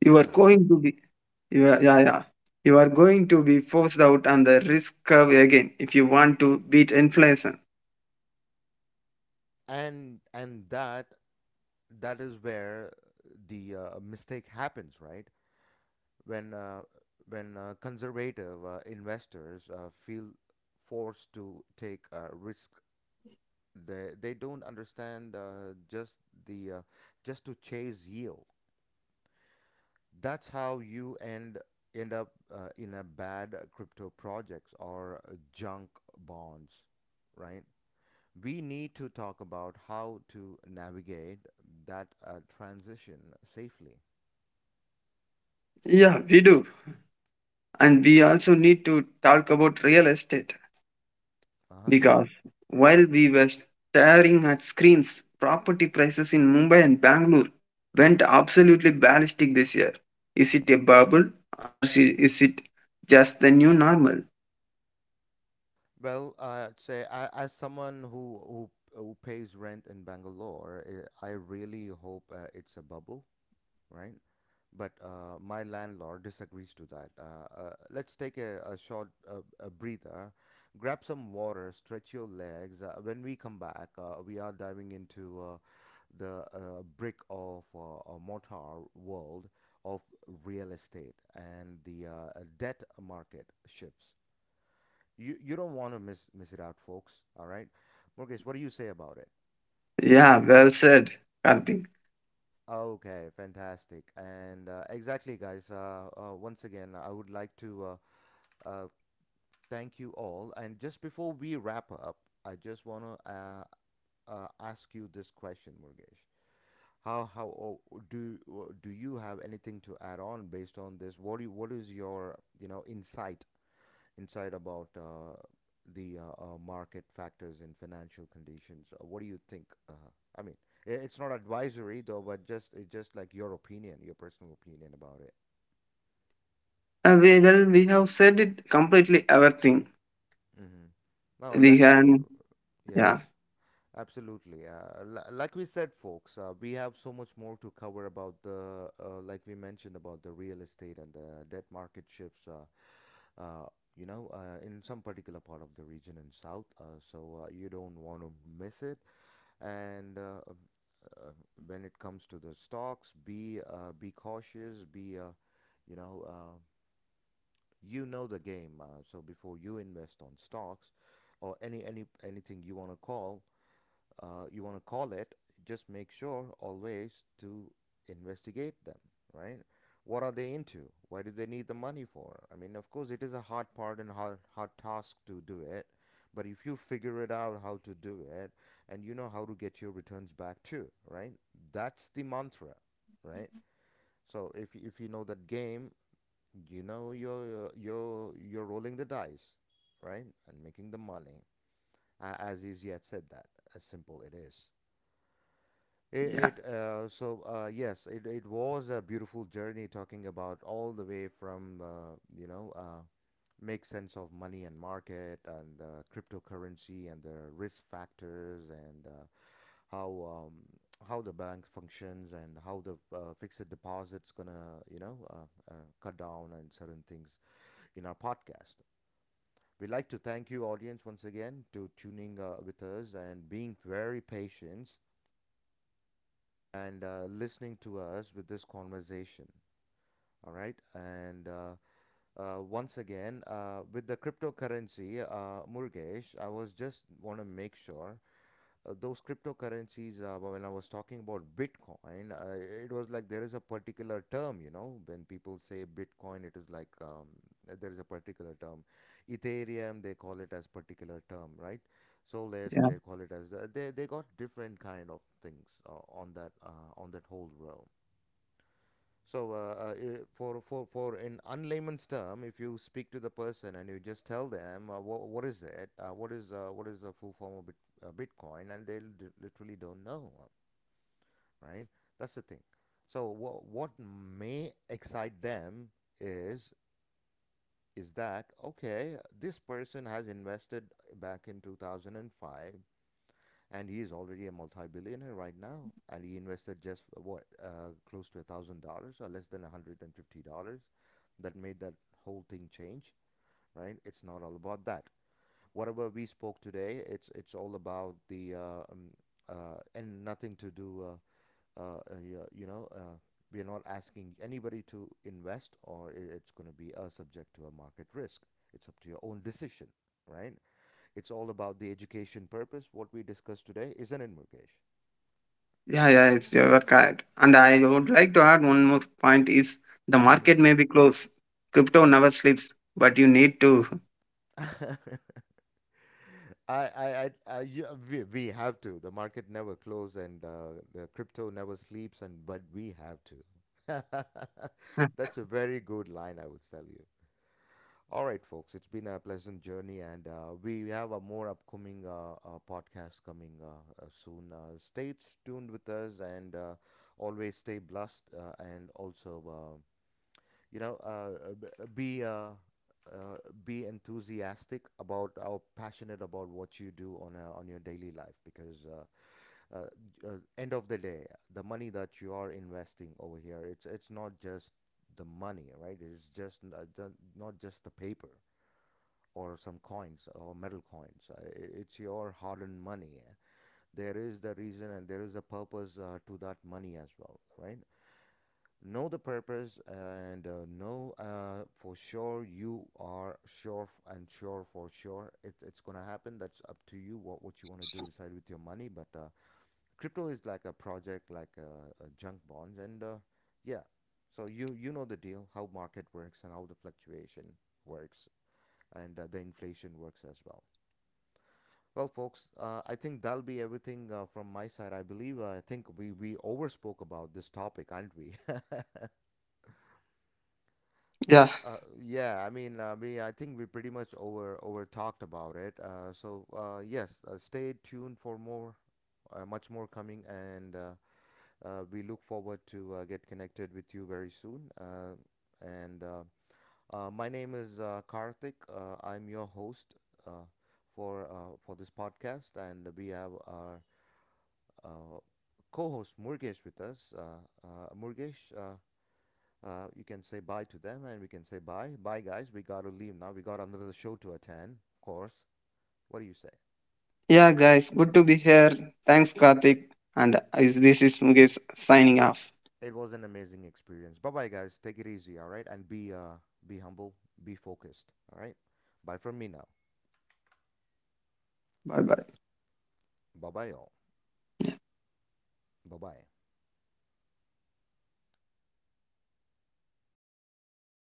[SPEAKER 2] You are
[SPEAKER 1] Yeah.
[SPEAKER 2] going to be, you are, yeah, yeah. You are going to be forced out on the risk curve again if you want to beat inflation.
[SPEAKER 1] And and that that is where the uh, mistake happens, right? When uh, when uh, conservative uh, investors uh, feel forced to take uh, risk. They they don't understand uh, just the uh, just to chase yield. That's how you end end up uh, in a bad uh, crypto projects or uh, junk bonds, right? We need to talk about how to navigate that uh, transition safely.
[SPEAKER 2] Yeah, we do. And we also need to talk about real estate.
[SPEAKER 1] Uh-huh.
[SPEAKER 2] Because while we were staring at screens, property prices in Mumbai and Bangalore went absolutely ballistic this year. Is it a bubble or si- is it just the new normal?
[SPEAKER 1] Well, uh, say I, as someone who, who who pays rent in Bangalore, eh, I really hope uh, it's a bubble, right? But uh, my landlord disagrees to that. Uh, uh, let's take a, a short uh, a breather, grab some water, stretch your legs. Uh, when we come back, uh, we are diving into uh, the uh, brick of uh, a mortar world of real estate and the uh, uh, debt market shifts. You you don't want to miss miss it out, folks. All right, Mortgage, what do you say about it?
[SPEAKER 2] Yeah, well said, Karthik.
[SPEAKER 1] Okay, fantastic. And uh, exactly, guys. Uh, uh, once again, I would like to uh, uh, thank you all. And just before we wrap up, I just want to uh, uh, ask you this question, Murgesh. How how oh, do do you have anything to add on based on this? What do you, what is your you know insight insight about uh, the uh, uh, market factors and financial conditions? Uh, What do you think? Uh, I mean, i- it's not advisory though, but just it's just like your opinion, your personal opinion about it.
[SPEAKER 2] Uh, we, well, we have said it completely everything.
[SPEAKER 1] Mm-hmm. No,
[SPEAKER 2] We
[SPEAKER 1] that's
[SPEAKER 2] can,
[SPEAKER 1] true. Yes,
[SPEAKER 2] yeah,
[SPEAKER 1] absolutely. Uh, li- like we said, folks, uh, we have so much more to cover about the, uh, like we mentioned about the real estate and the debt market shifts. Uh, uh, you know, uh, in some particular part of the region in South. Uh, so uh, you don't want to miss it. And uh, uh, when it comes to the stocks, be uh, be cautious, be uh, you know uh, you know the game. Uh, so before you invest on stocks or any any anything you want to call, uh, you want to call it, just make sure always to investigate them, right? What are they into? Why do they need the money for? I mean, of course, it is a hard part and hard, hard task to do it, but if you figure it out how to do it and you know how to get your returns back too, right? That's the mantra, right? So if if you know that game, you know you're you're you're rolling the dice, right, and making the money. A- As easy as said that, as simple it is.
[SPEAKER 2] yeah,
[SPEAKER 1] It, it uh, so uh, Yes, it, it was a beautiful journey talking about all the way from uh, you know uh, make sense of money and market and uh, cryptocurrency and the risk factors and uh, how um, how the bank functions and how the uh, fixed deposit's gonna you know uh, uh, cut down and certain things in our podcast. We'd like to thank you, audience, once again, to tuning uh, with us and being very patient and uh, listening to us with this conversation. All right. And uh, uh, once again, uh, with the cryptocurrency, uh, Murgesh, I was just want to make sure uh, those cryptocurrencies, uh, when I was talking about Bitcoin, uh, it was like there is a particular term, you know, when people say Bitcoin, it is like um, there is a particular term. Ethereum, they call it as particular term, right? Solus,
[SPEAKER 2] yeah,
[SPEAKER 1] they call it as, they they got different kind of things uh, on that uh, on that whole realm. So, uh, uh, for for for in unlayman's term, if you speak to the person and you just tell them uh, what what is it, uh, what is uh, what is the full form of bit, uh, Bitcoin, and they li- literally don't know, uh, right? That's the thing. So, what what may excite them is is that okay? This person has invested back in two thousand and five, and he is already a multi-billionaire right now, and he invested just uh, what uh, close to a thousand dollars, or less than a hundred and fifty dollars, that made that whole thing change, right? It's not all about that. Whatever we spoke today, it's it's all about the uh, um, uh, and nothing to do uh, uh, uh, yeah, you know uh, we are not asking anybody to invest, or it's going to be uh, subject to a market risk. It's up to your own decision, right? It's all about the education purpose. What we discussed today is an invocation.
[SPEAKER 2] yeah, yeah, it's your correct. And I would like to add one more point is the
[SPEAKER 1] Mhm.
[SPEAKER 2] market may be closed. Crypto
[SPEAKER 1] mm
[SPEAKER 2] never sleeps, but you need to.
[SPEAKER 1] I, I, I, I, yeah, we, we have to. The market never closes, and uh, the crypto never sleeps, and but we have to. That's a very good line, I would tell you. All right, folks, it's been a pleasant journey, and uh, we have a more upcoming uh, uh, podcast coming uh, uh, soon. Uh, stay tuned with us, and uh, always stay blessed, uh, and also. Uh, you know uh, b- uh, be uh, uh, be enthusiastic about or passionate about what you do on a, on your daily life, because uh, uh, j- uh, end of the day, the money that you are investing over here, it's it's not just the money, right? It's just n- uh, ju- not just the paper or some coins or metal coins. Uh, i- it's your hard-earned money. There is the reason and there is a purpose uh, to that money as well, right? Know the purpose, and uh, know uh, for sure you are sure f- and sure for sure it, it's going to happen. That's up to you what, what you want to do, decide with your money. But uh, crypto is like a project, like uh, uh, junk bonds. And uh, yeah, so you, you know the deal, how market works and how the fluctuation works and uh, the inflation works as well. Well, folks, uh, I think that'll be everything uh, from my side. I believe uh, I think we we overspoke about this topic, aren't we?
[SPEAKER 2] Yeah,
[SPEAKER 1] Uh, yeah, I mean, uh, we I think we pretty much over over talked about it. Uh, so uh, yes, uh, stay tuned for more, uh, much more coming, and uh, uh, we look forward to uh, get connected with you very soon. Uh, and uh, uh, My name is uh, Karthik. Uh, I'm your host uh, for uh, for this podcast, and we have our uh, co-host Murgesh with us. Uh, uh, Murgesh, uh, uh, you can say bye to them and we can say bye. Bye, guys. We got to leave now. We got another show to attend, of course. What do you say?
[SPEAKER 2] yeah, guys, good to be here. Thanks, Karthik. And is- this is Mukesh signing off.
[SPEAKER 1] It was an amazing experience. Bye bye, guys. Take it easy, all right? And be, uh, be humble, be focused, all right? Bye from me now.
[SPEAKER 2] Bye bye.
[SPEAKER 1] Bye bye, all. Bye bye.